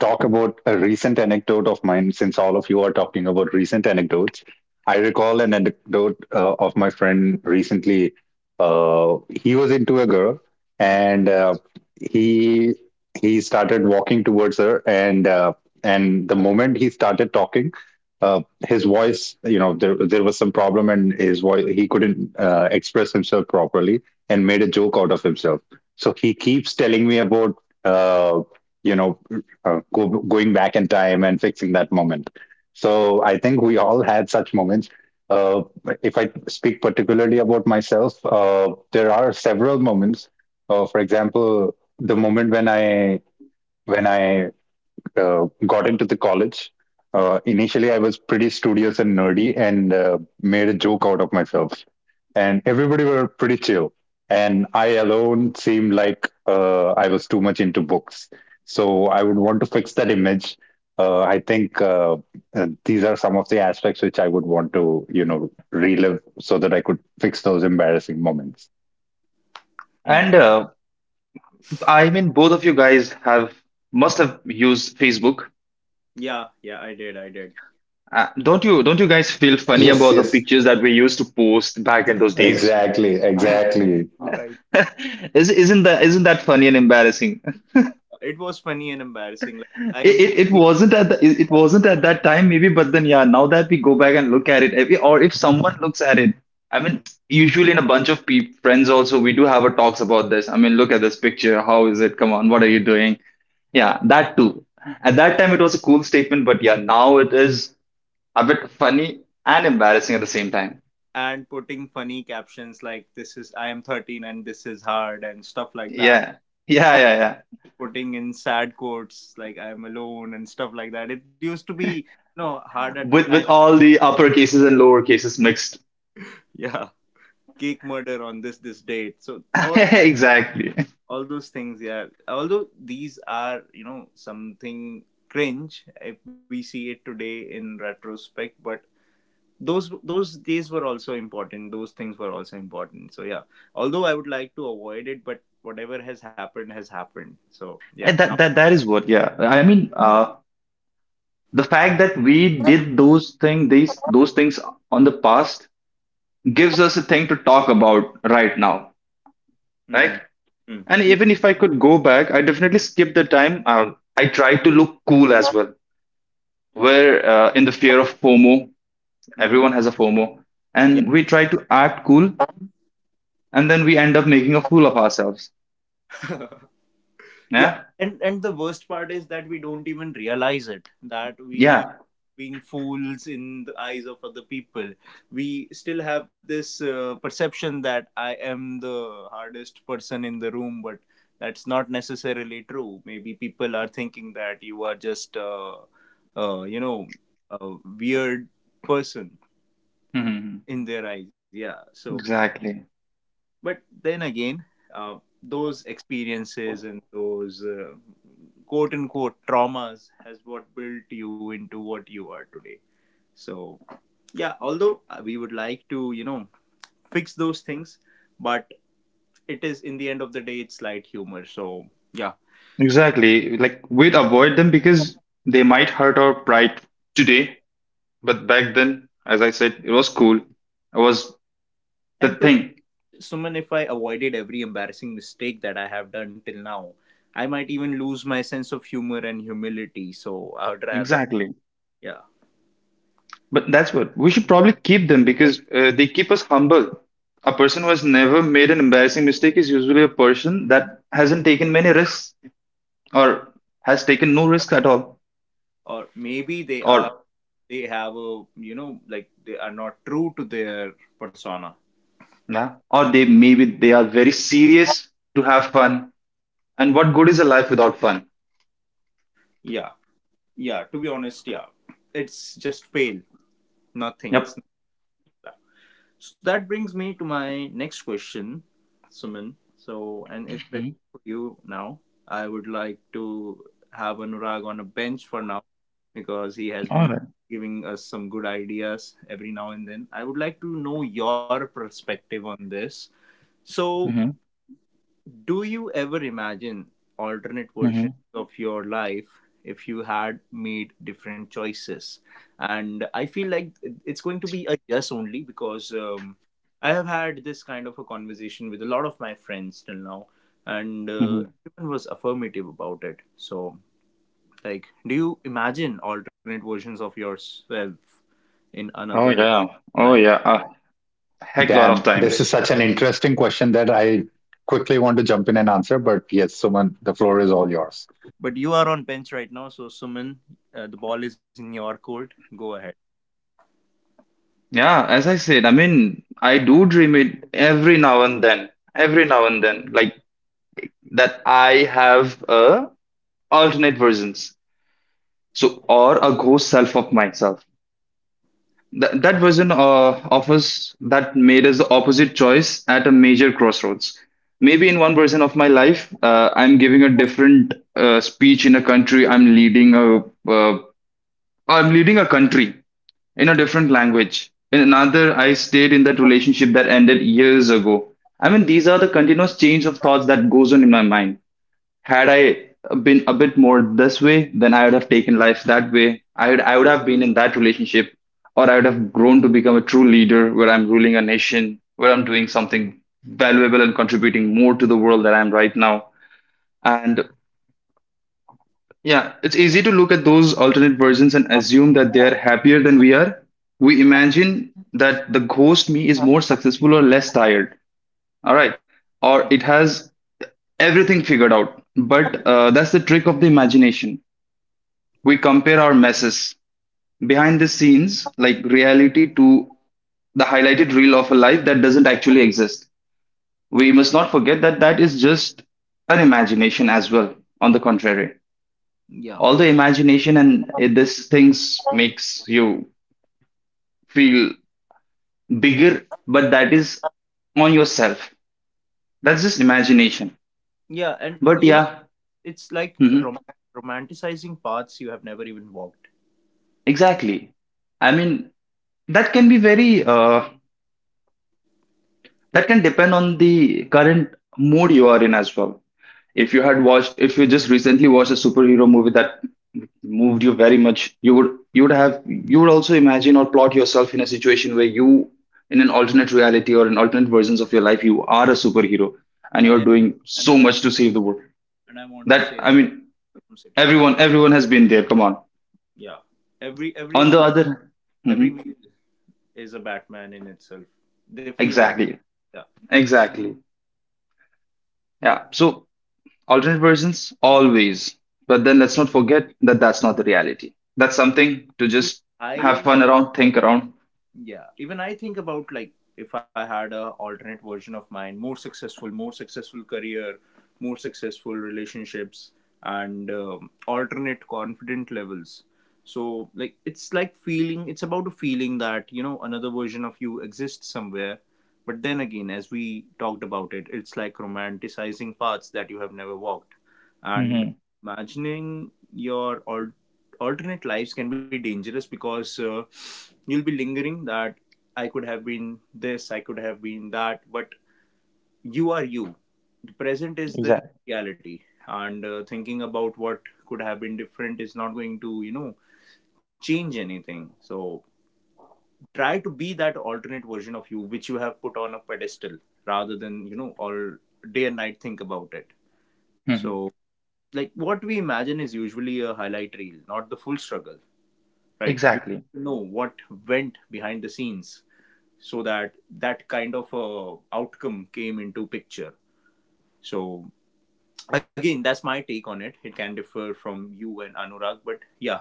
Speaker 3: talk about a recent anecdote of mine, since all of you are talking about recent anecdotes. I recall an anecdote of my friend recently. He was into a girl, and he he started walking towards her, and the moment he started talking, uh, his voice, you know, there was some problem, and his voice, he couldn't express himself properly, and made a joke out of himself. So he keeps telling me about, uh, you know, going back in time and fixing that moment. So I think we all had such moments. Uh, if I speak particularly about myself, there are several moments. For example, the moment when I got into the college, initially I was pretty studious and nerdy, and made a joke out of myself. And everybody were pretty chill. And I alone seemed like, I was too much into books. So I would want to fix that image. I think these are some of the aspects which I would want to, you know, relive so that I could fix those embarrassing moments.
Speaker 1: Hmm.
Speaker 2: And I mean, both of you guys have must have used Facebook.
Speaker 1: Yeah, yeah, I did, I did.
Speaker 2: Don't you? Don't you guys feel funny
Speaker 3: Yes,
Speaker 2: about the
Speaker 3: yes,
Speaker 2: pictures that we used to post back in those days?
Speaker 3: exactly,
Speaker 1: Yes,
Speaker 3: exactly.
Speaker 1: I,
Speaker 2: Is, isn't that funny and embarrassing?
Speaker 1: it was funny and embarrassing.
Speaker 2: It, it, it wasn't at the, it wasn't at that time maybe, but then yeah, now that we go back and look at it, or if someone looks at it. I mean, usually in a bunch of friends also, we do have a talks about this. I mean, look at this picture. How is it? Come on, what are you doing? Yeah, that too. At that time, it was a cool statement, but yeah, now it is a bit funny and embarrassing at the same time.
Speaker 1: And putting funny captions like "This is I am 13" and "This is hard" and stuff like that.
Speaker 2: Yeah. Yeah, yeah, yeah.
Speaker 1: Putting in sad quotes like I'm alone and stuff like that. It used to be no hard at the
Speaker 2: with
Speaker 1: time.
Speaker 2: with all the upper cases and lower cases mixed.
Speaker 1: Yeah, cake murder on this date. So all
Speaker 2: Exactly.
Speaker 1: all those things. Yeah, although these are something cringe if we see it today in retrospect, but those days were also important. Those things were also important. So yeah, although I would like to avoid it, but whatever has happened has happened. So yeah,
Speaker 2: And
Speaker 1: now.
Speaker 2: that is what, yeah. I mean, the fact that we did those things on the past gives us a thing to talk about right now, right?
Speaker 1: Mm-hmm. Mm.
Speaker 2: And
Speaker 1: Yeah.
Speaker 2: even if I could go back, I definitely skip the time. I try to look cool as well, where in the fear of FOMO,
Speaker 1: Mm-hmm.
Speaker 2: everyone has a FOMO, and we try to act cool,
Speaker 1: Yeah.
Speaker 2: and then we end up making a fool of ourselves.
Speaker 1: Yeah,
Speaker 2: Yeah.
Speaker 1: and the worst part is that we don't even realize it, that we are
Speaker 2: Yeah.
Speaker 1: being fools in the eyes of other people. We still have this perception that I am the hardest person in the room, but that's not necessarily true. Maybe people are thinking that you are just uh, you know a weird person
Speaker 2: Hmm.
Speaker 1: in their eyes, yeah, so.
Speaker 2: Exactly,
Speaker 1: But then again, those experiences and those quote unquote traumas has what built you into what you are today. So yeah, although we would like to, fix those things, but it is, in the end of the day, it's light humor. So yeah.
Speaker 2: exactly. Like, we'd avoid them because they might hurt our pride today. But back then, as I said, it was cool. It was the
Speaker 1: And to
Speaker 2: thing.
Speaker 1: Suman, if I avoided every embarrassing mistake that I have done till now, I might even lose my sense of humor and humility. So, I would rather,
Speaker 2: Exactly.
Speaker 1: yeah.
Speaker 2: But that's what we should probably keep them, because they keep us humble. A person who has never made an embarrassing mistake is usually a person that hasn't taken many risks, or has taken no risk at all.
Speaker 1: Or maybe
Speaker 2: Or
Speaker 1: they have a, like, they are not true to their persona.
Speaker 2: yeah, or they, maybe they are very serious to have fun. And what good is a life without fun?
Speaker 1: Yeah, yeah, to be honest, yeah. It's just pale, nothing. It's.
Speaker 2: Yep.
Speaker 1: So that brings me to my next question, Suman. So, and
Speaker 2: Mhm.
Speaker 1: especially for you now, I would like to have Anurag on a bench for now, because he has
Speaker 2: All
Speaker 1: been
Speaker 2: right.
Speaker 1: giving us some good ideas every now and then. I would like to know your perspective on this, so.
Speaker 2: Mhm.
Speaker 1: Do you ever imagine alternate
Speaker 2: Mhm.
Speaker 1: versions of your life if you had made different choices? And I feel like it's going to be a yes only because I have had this kind of a conversation with a lot of my friends till now, and
Speaker 2: Mhm.
Speaker 1: everyone was affirmative about it. So, like, do you imagine alternate versions of yourself in
Speaker 2: Oh
Speaker 1: another
Speaker 2: yeah. Oh
Speaker 1: line?
Speaker 2: yeah. A heck lot of
Speaker 3: Damn, this is
Speaker 2: times.
Speaker 3: such an interesting question that I quickly want to jump in and answer. But yes, Suman, the floor is all yours.
Speaker 1: But you are on bench right now, so Suman, the ball is in your court. Go ahead.
Speaker 2: Yeah, as I said, I mean, I do dream it every now and then, every now and then, like, that I have a alternate versions, so or a ghost self of myself. That version of us that made us the opposite choice at a major crossroads. Maybe in one version of my life, I'm giving a different speech in a country. I'm leading a, uh, country in a different language. In another, I stayed in that relationship that ended years ago. I mean, these are the continuous change of thoughts that goes on in my mind. Had I been a bit more this way, then I would have taken life that way. I would have been in that relationship, or I would have grown to become a true leader, where I'm ruling a nation, where I'm doing something valuable and contributing more to the world than I am right now. And yeah, it's easy to look at those alternate versions and assume that they are happier than we are. We imagine that the ghost me is more successful or less tired. All right. Or
Speaker 1: Mm.
Speaker 2: it has everything figured out. But that's the trick of the imagination. We compare our messes behind the scenes, like reality, to the highlighted reel of a life that doesn't actually exist. We must not forget that that is just an imagination as well, on the contrary.
Speaker 1: Yeah.
Speaker 2: All the imagination and this things makes you feel bigger, but that is on yourself. That's just imagination.
Speaker 1: Yeah, and
Speaker 2: But
Speaker 1: you know,
Speaker 2: yeah.
Speaker 1: it's like
Speaker 2: mhm,
Speaker 1: romanticizing paths you have never even walked.
Speaker 2: exactly. I mean, that can be very that can depend on the current mood you are in as well. If you had watched, if you just recently watched a superhero movie that moved you very much, you would also imagine or plot yourself in a situation where you, in an alternate reality or in alternate versions of your life, you are a superhero and
Speaker 1: I
Speaker 2: you're
Speaker 1: am,
Speaker 2: doing
Speaker 1: and
Speaker 2: so
Speaker 1: and I am,
Speaker 2: much to save the world.
Speaker 1: and I want to
Speaker 2: That
Speaker 1: save
Speaker 2: I mean,
Speaker 1: Gotham City. Yeah,
Speaker 2: everyone has been there. Come on.
Speaker 1: yeah. Every
Speaker 2: On the
Speaker 1: every
Speaker 2: other.
Speaker 1: every
Speaker 2: Mhm.
Speaker 1: meal is a Batman in itself. They feel like
Speaker 2: Exactly,
Speaker 1: yeah.
Speaker 2: exactly. Yeah. So alternate versions always, but then let's not forget that that's not the reality. That's something to
Speaker 1: If
Speaker 2: just have
Speaker 1: I
Speaker 2: fun around, think around.
Speaker 1: Yeah, even I think about like if I had a alternate version of mine, more successful career, more successful relationships, and alternate confident levels. So like it's like feeling. It's about a feeling that you know another version of you exists somewhere. But then again, as we talked about it, it's like romanticizing paths that you have never walked, and
Speaker 2: Hmm.
Speaker 1: imagining your alternate lives can be dangerous because you'll be lingering that I could have been this, I could have been that, but you are you. The present is the
Speaker 2: Exactly.
Speaker 1: reality, and thinking about what could have been different is not going to, you know, change anything. So try to be that alternate version of you which you have put on a pedestal rather than, you know, all day and night think about it.
Speaker 2: Hmm.
Speaker 1: So, like, what we imagine is usually a highlight reel, not the full struggle. Right, we
Speaker 2: Exactly.
Speaker 1: don't know what went behind the scenes so that that kind of a outcome came into picture. So again, that's my take on it. It can differ from you and Anurag, but yeah,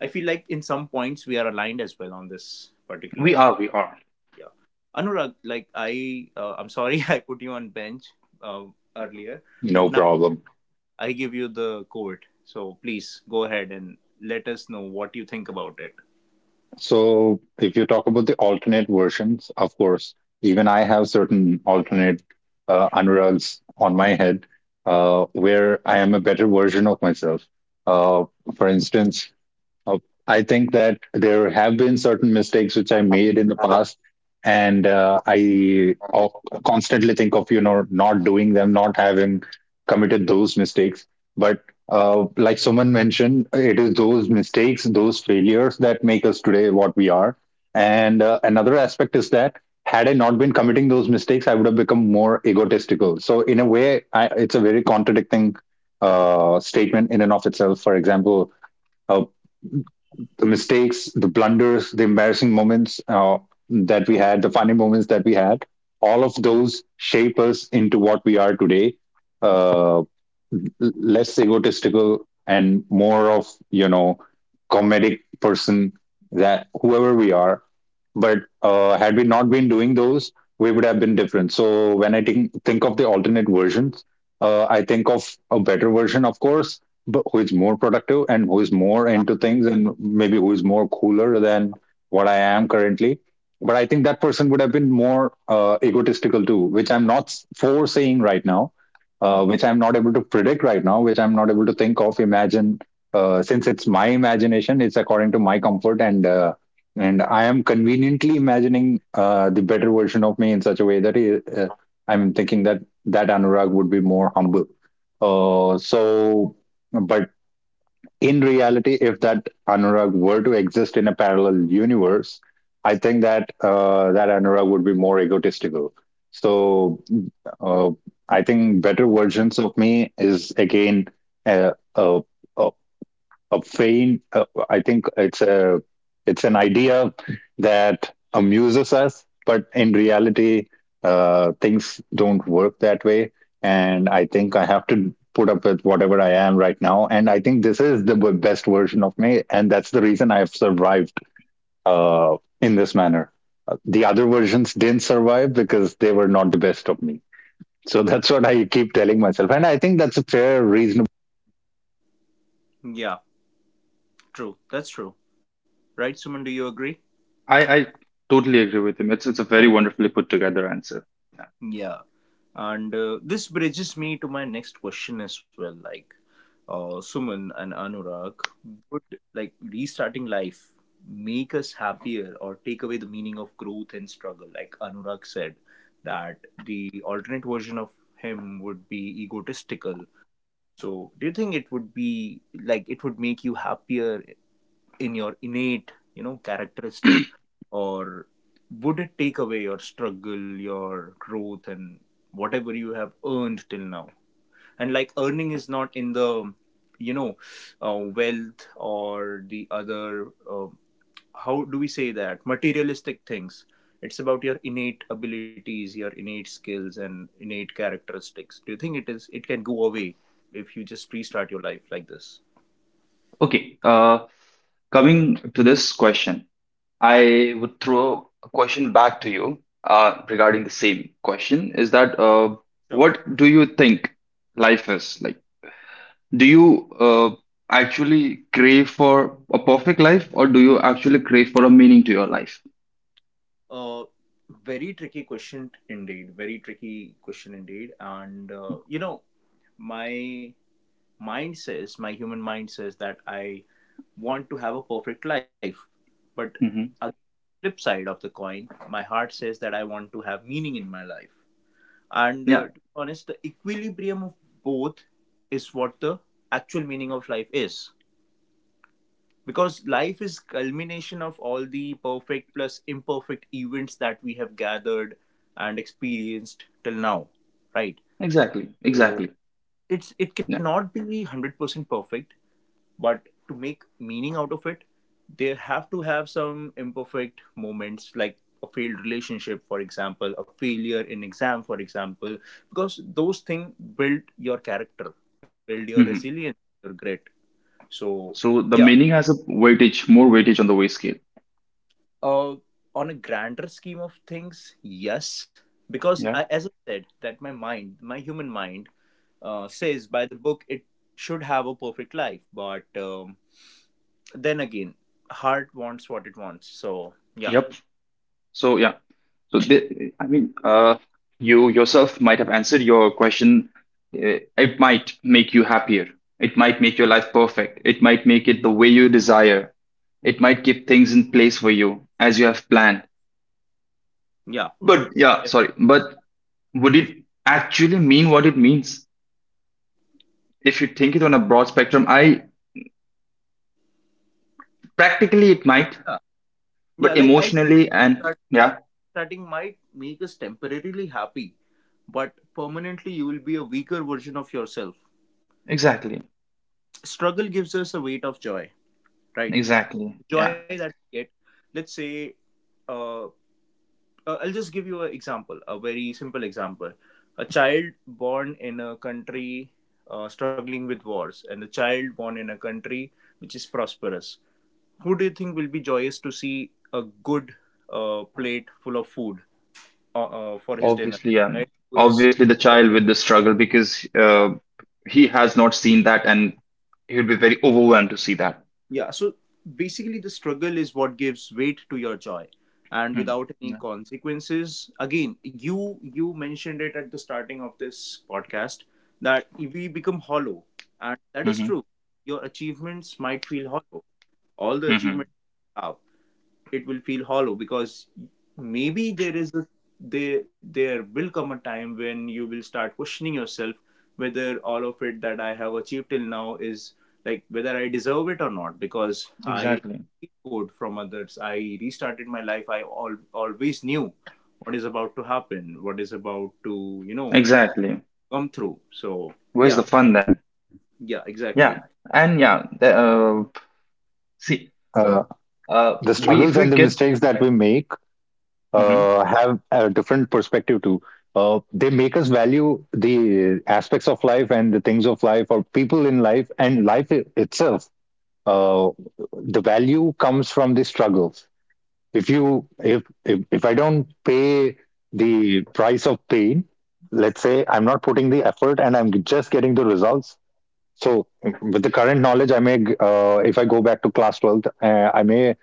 Speaker 1: I feel like in some points we are aligned as well on this
Speaker 2: we
Speaker 1: particular.
Speaker 2: are we are
Speaker 1: Yeah, Anurag, like I I'm sorry I put you on bench uh, earlier,
Speaker 3: No
Speaker 1: but now
Speaker 3: problem.
Speaker 1: I give you the court. So please go ahead and let us know what you think about it.
Speaker 3: So, if you talk about the alternate versions, of course, even I have certain alternate Anurags on my head, where I am a better version of myself. Uh, for instance, Uh, I think that there have been certain mistakes which I made in the past, and I constantly think of, you know, not doing them, not having committed those mistakes. But like someone mentioned, it is those mistakes, those failures that make us today what we are. And another aspect is that, had I not been committing those mistakes, I would have become more egotistical. So in a way, I, it's a very contradicting statement in and of itself. For example, uh, the mistakes, the blunders, the embarrassing moments that we had, the funny moments that we had, all of those shape us into what we are today. Uh, l- Less egotistical and more of comedic person that whoever we are, but had we not been doing those, we would have been different. So when I think of the alternate versions, I think of a better version, of course, but who is more productive and who is more into things and maybe who is more cooler than what I am currently. But I think that person would have been more egotistical too, which I'm not s- for saying right now, which I'm not able to predict right now, which I'm not able to think of, imagine. Since it's my imagination, it's according to my comfort, and I am conveniently imagining the better version of me in such a way that I'm thinking that Anurag would be more humble. Uh, so, but in reality, if that Anurag were to exist in a parallel universe, I think that that Anurag would be more egotistical. So uh, I think better versions of me is again a, a, a a faint. I think it's an idea that amuses us, but in reality, things don't work that way. And I think I have to put up with whatever I am right now. And I think this is the best version of me, and that's the reason I have survived in this manner. The other versions didn't survive because they were not the best of me. So that's what I keep telling myself, and I think that's a fair, reasonable.
Speaker 1: Yeah, true. That's true. Right, Suman, do you agree?
Speaker 2: I totally agree with him. It's a very wonderfully put together answer. Yeah.
Speaker 1: Yeah, and this bridges me to my next question as well. Like, Suman and Anurag, would like restarting life make us happier or take away the meaning of growth and struggle? Like Anurag said, that the alternate version of him would be egotistical. So, do you think it would be like it would make you happier in your innate, you know, characteristic, or would it take away your struggle, your growth, and whatever you have earned till now? And like earning is not in the, you know, wealth or the other, how do we say, that materialistic things. It's about your innate abilities, your innate skills, and innate characteristics. Do you think it is, it can go away if you just restart your life like this?
Speaker 2: Okay. Coming to this question, I would throw a question back to you regarding the same question, is that
Speaker 1: Sure.
Speaker 2: what do you think life is like? Do you actually crave for a perfect life, or do you actually crave for a meaning to your life?
Speaker 1: Uh, very tricky question indeed. Very tricky question indeed. And you know, my mind says, my human mind says that I want to have a perfect life, but a
Speaker 2: Hmm.
Speaker 1: flip side of the coin, my heart says that I want to have meaning in my life. And
Speaker 2: Yeah,
Speaker 1: to be honest, the equilibrium of both is what the actual meaning of life is, because life is culmination of all the perfect plus imperfect events that we have gathered and experienced till now, right?
Speaker 2: exactly, exactly.
Speaker 1: So it's, it
Speaker 2: Yeah.
Speaker 1: cannot be 100% perfect, but to make meaning out of it, they have to have some imperfect moments, like a failed relationship for example, a failure in exam for example, because those things build your character, build your
Speaker 2: Hmm.
Speaker 1: resilience, your grit. So
Speaker 2: So the
Speaker 1: yeah.
Speaker 2: meaning has a weightage, more weightage on the weight scale.
Speaker 1: Uh, on a grander scheme of things, yes, because I,
Speaker 2: Yeah.
Speaker 1: as I said, that my mind, my human mind, says by the book it should have a perfect life, but then again, heart wants what it wants. So yeah,
Speaker 2: Yep. So yeah. So I mean, you yourself might have answered your question. It might make you happier. It might make your life perfect. It might make it the way you desire. It might keep things in place for you as you have planned.
Speaker 1: yeah,
Speaker 2: But yeah,
Speaker 1: yeah,
Speaker 2: sorry. But would it actually mean what it means if you think it on a broad spectrum? I practically it might,
Speaker 1: yeah. Yeah,
Speaker 2: but
Speaker 1: like I
Speaker 2: emotionally, and
Speaker 1: start,
Speaker 2: yeah,
Speaker 1: starting might make us temporarily happy, but permanently you will be a weaker version of yourself.
Speaker 2: exactly,
Speaker 1: Struggle gives us a weight of joy, right?
Speaker 2: exactly.
Speaker 1: Joy
Speaker 2: Yeah,
Speaker 1: that we get, let's say. Uh, I'll just give you an example, a very simple example. A child born in a country struggling with wars, and a child born in a country which is prosperous. Who do you think will be joyous to see a good plate full of food for his dinner?
Speaker 2: obviously, um,
Speaker 1: Right, who is
Speaker 2: obviously the child
Speaker 1: struggling,
Speaker 2: with the struggle, because
Speaker 1: yeah.
Speaker 2: he has not seen that, and he would be very overwhelmed to see that.
Speaker 1: Yeah, so basically, the struggle is what gives weight to your joy. And
Speaker 2: Hmm.
Speaker 1: without any
Speaker 2: Yeah.
Speaker 1: consequences, again, you mentioned it at the starting of this podcast, that we become hollow. And that is
Speaker 2: Mm-hmm.
Speaker 1: true, your achievements might feel hollow, all the
Speaker 2: Mm-hmm.
Speaker 1: achievements you have, it will feel hollow because maybe there is a, there will come a time when you will start questioning yourself whether all of it that I have achieved till now is, like whether I deserve it or not, because I
Speaker 2: Exactly.
Speaker 1: code from others. I restarted my life. I al always knew what is about to happen, what is about to, you know,
Speaker 2: Exactly.
Speaker 1: come through. So
Speaker 2: Where's the
Speaker 1: yeah,
Speaker 2: fun then?
Speaker 1: yeah,
Speaker 2: Yeah.
Speaker 1: exactly.
Speaker 2: And yeah, see,
Speaker 3: Uh, the
Speaker 2: we if
Speaker 3: struggles
Speaker 2: we
Speaker 3: and the
Speaker 2: get.
Speaker 3: mistakes that we make
Speaker 2: Mhm.
Speaker 3: have a different perspective too. They make us value the aspects of life and the things of life or people in life and life itself. Uh, the value comes from the struggle. If you If I don't pay the price of pain, let's say I'm not putting the effort and I'm just getting the results. So, with the current knowledge, if I go back to class 12th, I may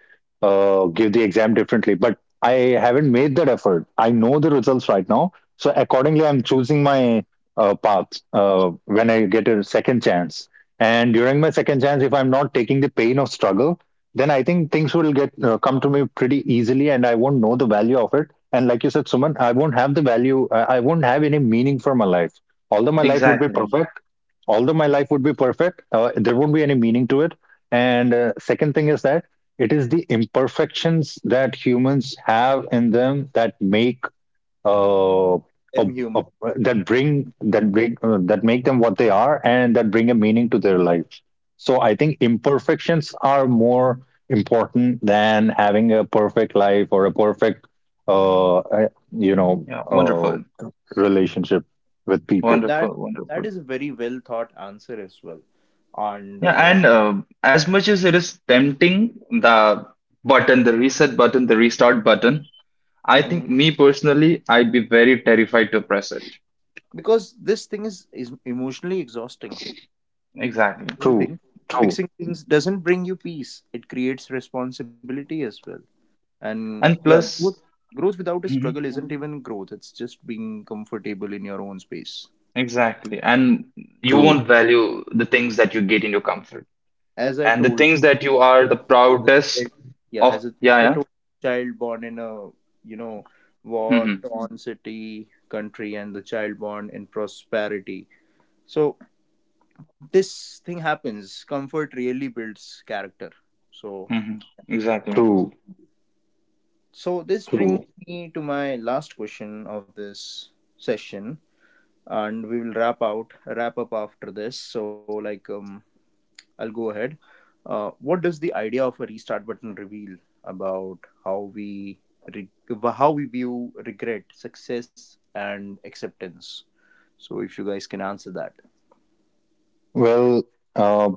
Speaker 3: give the exam differently, but I haven't made that effort. I know the results right now. So, accordingly, I'm choosing my path when I get a second chance. And during my second chance, if I'm not taking the pain of struggle, then I think things will get come to me pretty easily, and I won't know the value of it. And like you said, Suman, I won't have any meaning for my life. Although my life would be
Speaker 2: Exactly.
Speaker 3: perfect, although my life would be perfect, there won't be any meaning to it. And second thing is that it is the imperfections that humans have in them that make uh, a,
Speaker 1: I'm human,
Speaker 3: a, that make them what they are and that bring a meaning to their life. So I think imperfections are more important than having a perfect life or a perfect uh, uh, you know
Speaker 2: Yeah,
Speaker 3: uh,
Speaker 2: wonderful.
Speaker 3: relationship with
Speaker 1: and
Speaker 3: people.
Speaker 1: that,
Speaker 2: Wonderful,
Speaker 1: that
Speaker 2: wonderful.
Speaker 1: is a very well thought answer as well. And
Speaker 2: Yeah, and as much as it is tempting, the button, the reset button, the restart button, I
Speaker 1: mhm.
Speaker 2: think me personally, I'd be very terrified to press it.
Speaker 1: Because this thing is emotionally exhausting,
Speaker 2: Exactly.
Speaker 1: whole
Speaker 3: True,
Speaker 1: thing.
Speaker 3: true,
Speaker 1: Fixing things doesn't bring you peace, it creates responsibility as well. And
Speaker 2: And
Speaker 1: yeah, growth,
Speaker 2: plus,
Speaker 1: growth without a
Speaker 2: mhm,
Speaker 1: struggle isn't even growth, it's just being comfortable in your own space.
Speaker 2: exactly. And you
Speaker 3: true.
Speaker 2: won't value the things that you get in your comfort,
Speaker 1: As I
Speaker 2: and the
Speaker 1: told,
Speaker 2: things that you are the proudest
Speaker 1: yeah, as a,
Speaker 2: of. Yeah,
Speaker 1: as I
Speaker 2: yeah.
Speaker 1: told, child born in a, you know, war
Speaker 2: Hmm.
Speaker 1: torn city, country, and the child born in prosperity. So this thing happens, comfort really builds character. So
Speaker 2: Hmm. Exactly.
Speaker 3: True,
Speaker 1: so this
Speaker 3: true.
Speaker 1: brings me to my last question of this session, and we will wrap up after this. So like, I'll go ahead. What does the idea of a restart button reveal about how we re- how we view regret, success, and acceptance? So if you guys can answer that.
Speaker 3: Well, uh,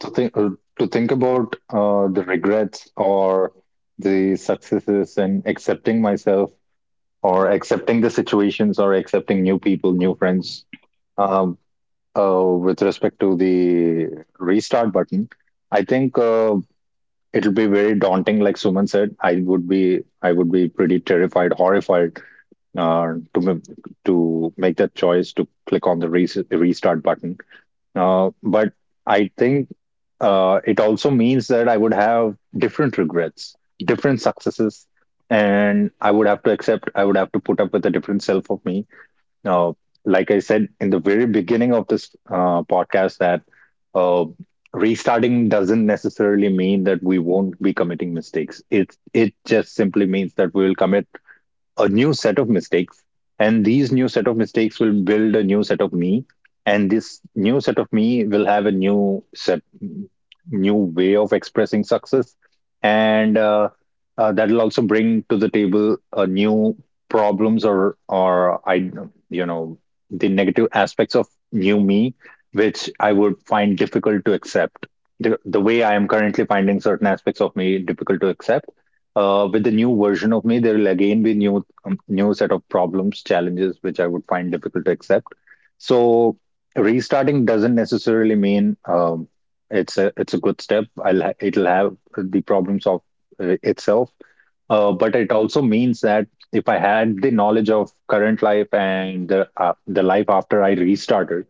Speaker 3: to think uh, to think about the regrets or the successes, and accepting myself or accepting the situations or accepting new people, new friends. Um, with respect to the restart button, I think it'll be very daunting. Like Suman said, I would be pretty terrified, horrified uh, to m- to make that choice to click on the restart button. But I think it also means that I would have different regrets, different successes, and I would have to accept, I would have to put up with a different self of me. Now, like I said in the very beginning of this podcast, that uh, restarting doesn't necessarily mean that we won't be committing mistakes. It just simply means that we will commit a new set of mistakes, and these new set of mistakes will build a new set of me, and this new set of me will have a new set new way of expressing success. And that will also bring to the table a new problems, or I you know the negative aspects of new me, which I would find difficult to accept, the way I am currently finding certain aspects of me difficult to accept. With the new version of me, there will again be new new set of problems, challenges, which I would find difficult to accept. So restarting doesn't necessarily mean it's a good step. It'll have the problems of itself, but it also means that if I had the knowledge of current life and the life after I restarted,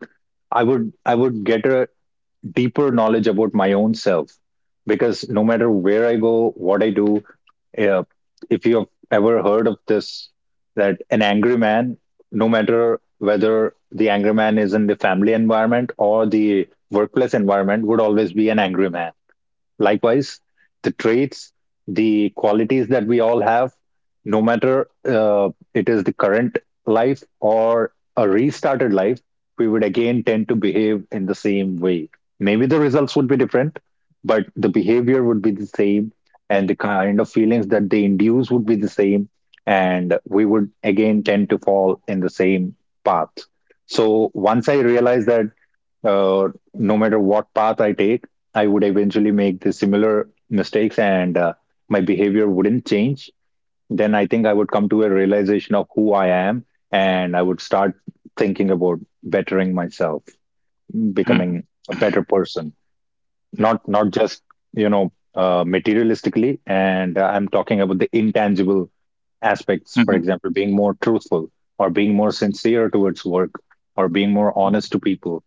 Speaker 3: I would get a deeper knowledge about my own self, because no matter where I go, what I do, uh, if you have ever heard of this, that an angry man, no matter whether the angry man is in the family environment or the workplace environment, would always be an angry man. Likewise, the traits, the qualities that we all have, no matter it is the current life or a restarted life, we would again tend to behave in the same way. Maybe the results would be different, but the behavior would be the same, and the kind of feelings that they induce would be the same, and we would again tend to fall in the same path. So once I realized that uh, no matter what path I take, I would eventually make the similar mistakes, and my behavior wouldn't change, then I think I would come to a realization of who I am, and I would start thinking about bettering myself,
Speaker 2: Hmm. Hmm.
Speaker 3: becoming a better person, not just materialistically. And I'm talking about the intangible aspects, for example, being more truthful, or being more sincere towards work, or being more honest to people,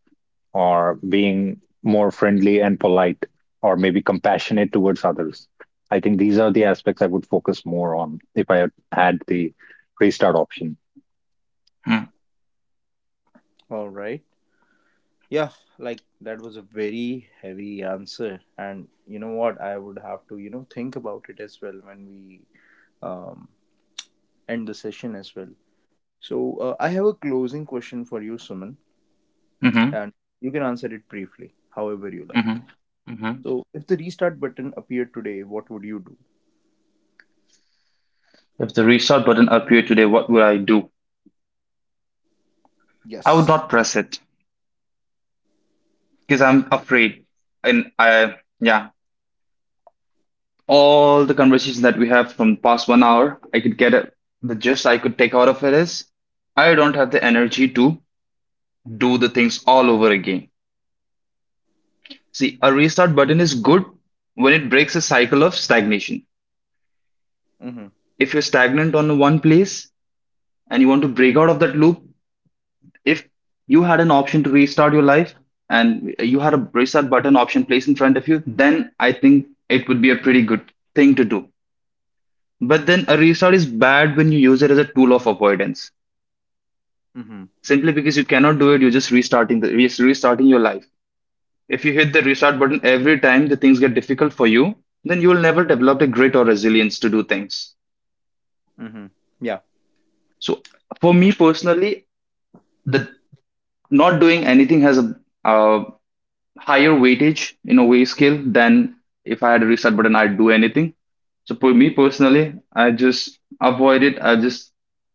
Speaker 3: or being more friendly and polite, or maybe compassionate towards others. I think these are the aspects I would focus more on if I had the restart option.
Speaker 2: Hmm.
Speaker 1: All right. Yeah, like that was a very heavy answer, and you know what? I would have to, you know, think about it as well when we um end the session as well. So, I have a closing question for you, Suman, and you can answer it briefly, however you
Speaker 2: Hmm.
Speaker 1: like.
Speaker 2: Hmm.
Speaker 1: So, if the restart button appeared today, what would you do?
Speaker 2: If the restart button appeared today, what would I do? I would not
Speaker 1: Yes.
Speaker 2: press it, because I'm afraid. And I, yeah, all the conversations that we have from past 1 hour, I could get it. The gist I could take out of it is I don't have the energy to do the things all over again. See, a restart button is good when it breaks a cycle of stagnation.
Speaker 1: Mm-hmm.
Speaker 2: If you're stagnant on one place and you want to break out of that loop, if you had an option to restart your life and you had a restart button option placed in front of you, then I think it would be a pretty good thing to do. But then a restart is bad when you use it as a tool of avoidance.
Speaker 1: Mm-hmm.
Speaker 2: Simply because you cannot do it, you're just restarting the just restarting your life. If you hit the restart button every time the things get difficult for you, then you will never develop the grit or resilience to do things.
Speaker 1: Mm-hmm. Yeah.
Speaker 2: So for me personally, the not doing anything has a uh, higher weightage in a way scale than if I had a restart button, I'd do anything. So for me personally, I just avoid it. I just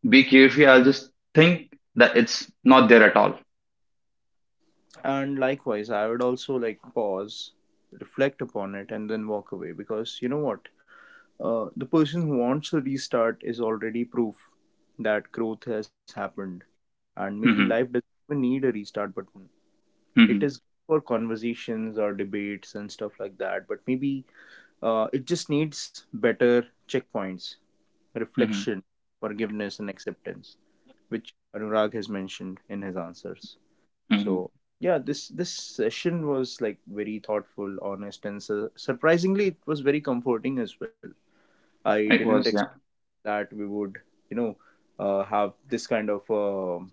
Speaker 2: be carefree. I'll just think that it's not there at all.
Speaker 1: And likewise, I would also like pause, reflect upon it, and then walk away because you know what? The person who wants to restart is already proof that growth has happened, and maybe life
Speaker 2: Hmm.
Speaker 1: doesn't even need a restart button. It
Speaker 2: Hmm.
Speaker 1: is good for conversations or debates and stuff like that, but maybe it just needs better checkpoints,
Speaker 2: Hmm.
Speaker 1: reflection, forgiveness, and acceptance, which Anurag has mentioned in his answers.
Speaker 2: Hmm.
Speaker 1: So yeah, this session was like very thoughtful, honest, and surprisingly, it was very comforting as well. I
Speaker 2: It
Speaker 1: didn't
Speaker 2: was,
Speaker 1: expect
Speaker 2: yeah.
Speaker 1: that we would, you know, have this kind of. Um,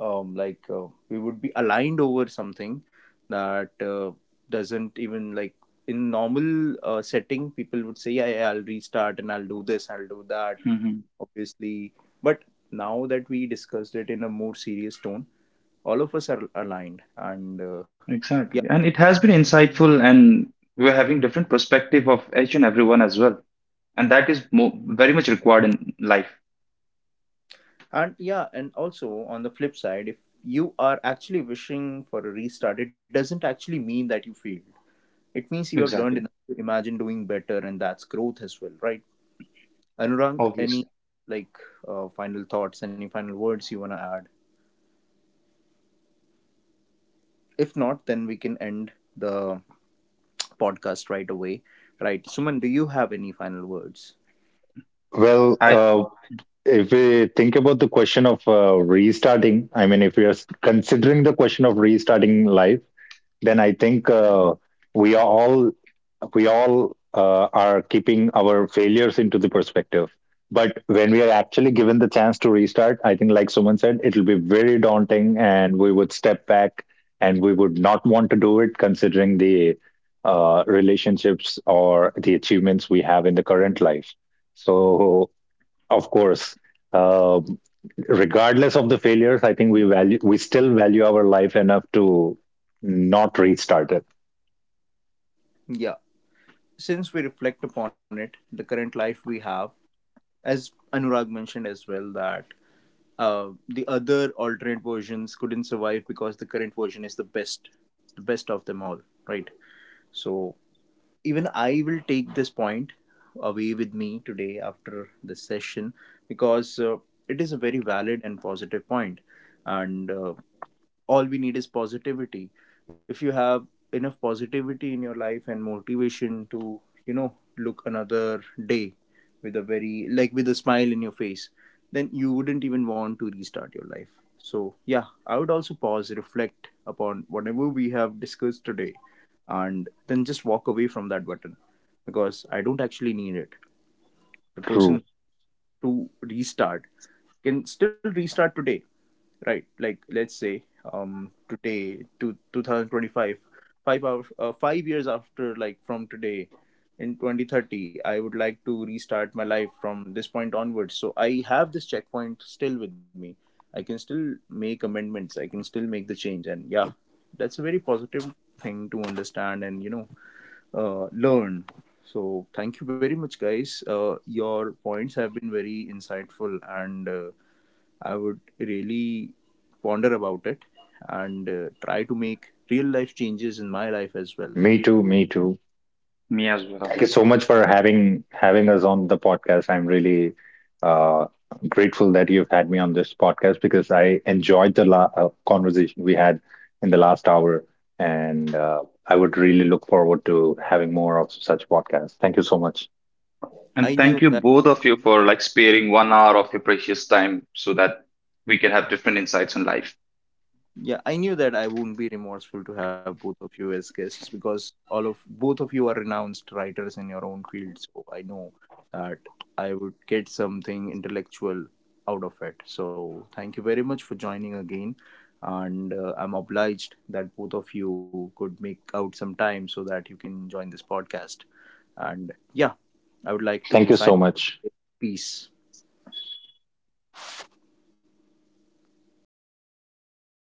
Speaker 1: like we would be aligned over something that doesn't even like in normal setting people would say, yeah, yeah, I'll restart and I'll do this, I'll do that,
Speaker 2: Hmm.
Speaker 1: obviously, but now that we discussed it in a more serious tone, all of us are aligned. And yeah.
Speaker 2: Exactly. And it has been insightful, and we're having different perspective of each and everyone as well. And that is mo very much required in life.
Speaker 1: And yeah, and also on the flip side, if you are actually wishing for a restart, it doesn't actually mean that you failed. It means you have learned
Speaker 2: Exactly.
Speaker 1: enough to imagine doing better, and that's growth as well, right? Anurag, any
Speaker 2: Obviously.
Speaker 1: like final thoughts, any final words you want to add? If not, then we can end the podcast right away. Right. Suman, do you have any final words?
Speaker 3: Well,
Speaker 2: I,
Speaker 3: if we think about the question of restarting, I mean, if we are considering the question of restarting life, then I think we are all we all are keeping our failures into the perspective. But when we are actually given the chance to restart, I think, like someone said, it'll be very daunting, and we would step back, and we would not want to do it, considering the relationships or the achievements we have in the current life. So of course, uh, regardless of the failures, I think we still value our life enough to not restart it.
Speaker 1: Yeah. Since we reflect upon it, the current life we have, as Anurag mentioned as well, that the other alternate versions couldn't survive because the current version is the best of them all, right? So even I will take this point away with me today after this session because it is a very valid and positive point. And all we need is positivity. If you have enough positivity in your life and motivation to, you know, look another day with a very, like with a smile in your face, then you wouldn't even want to restart your life. So yeah, I would also pause, reflect upon whatever we have discussed today, and then just walk away from that button because I don't actually need it. The
Speaker 3: True.
Speaker 1: person to restart can still restart today, right? Like let's say today to 2025, 5 hours 5 years after like from today in 2030, I would like to restart my life from this point onwards. So I have this checkpoint still with me. I can still make amendments, I can still make the change. And yeah, that's a very positive thing to understand, and you know, learn. So thank you very much guys, your points have been very insightful, and I would really ponder about it and try to make real life changes in my life as well.
Speaker 3: Me too. Me too.
Speaker 2: me as well.
Speaker 3: Thank you so much for having us on the podcast. I'm really uh, grateful that you've had me on this podcast because I enjoyed the conversation we had in the last hour, and I would really look forward to having more of such podcasts. Thank you so much.
Speaker 1: I
Speaker 2: And
Speaker 1: knew
Speaker 2: thank you
Speaker 1: that
Speaker 2: both of you for like sparing 1 hour of your precious time so that we can have different insights on life.
Speaker 1: Yeah, I knew that I wouldn't be remorseful to have both of you as guests because all of both of you are renounced writers in your own field. So I know that I would get something intellectual out of it. So thank you very much for joining again. And I'm obliged that both of you could make out some time so that you can join this podcast. And yeah, I would like
Speaker 3: Thank
Speaker 1: to
Speaker 3: you
Speaker 1: sign.
Speaker 3: so
Speaker 1: Off.
Speaker 3: much.
Speaker 1: With Peace.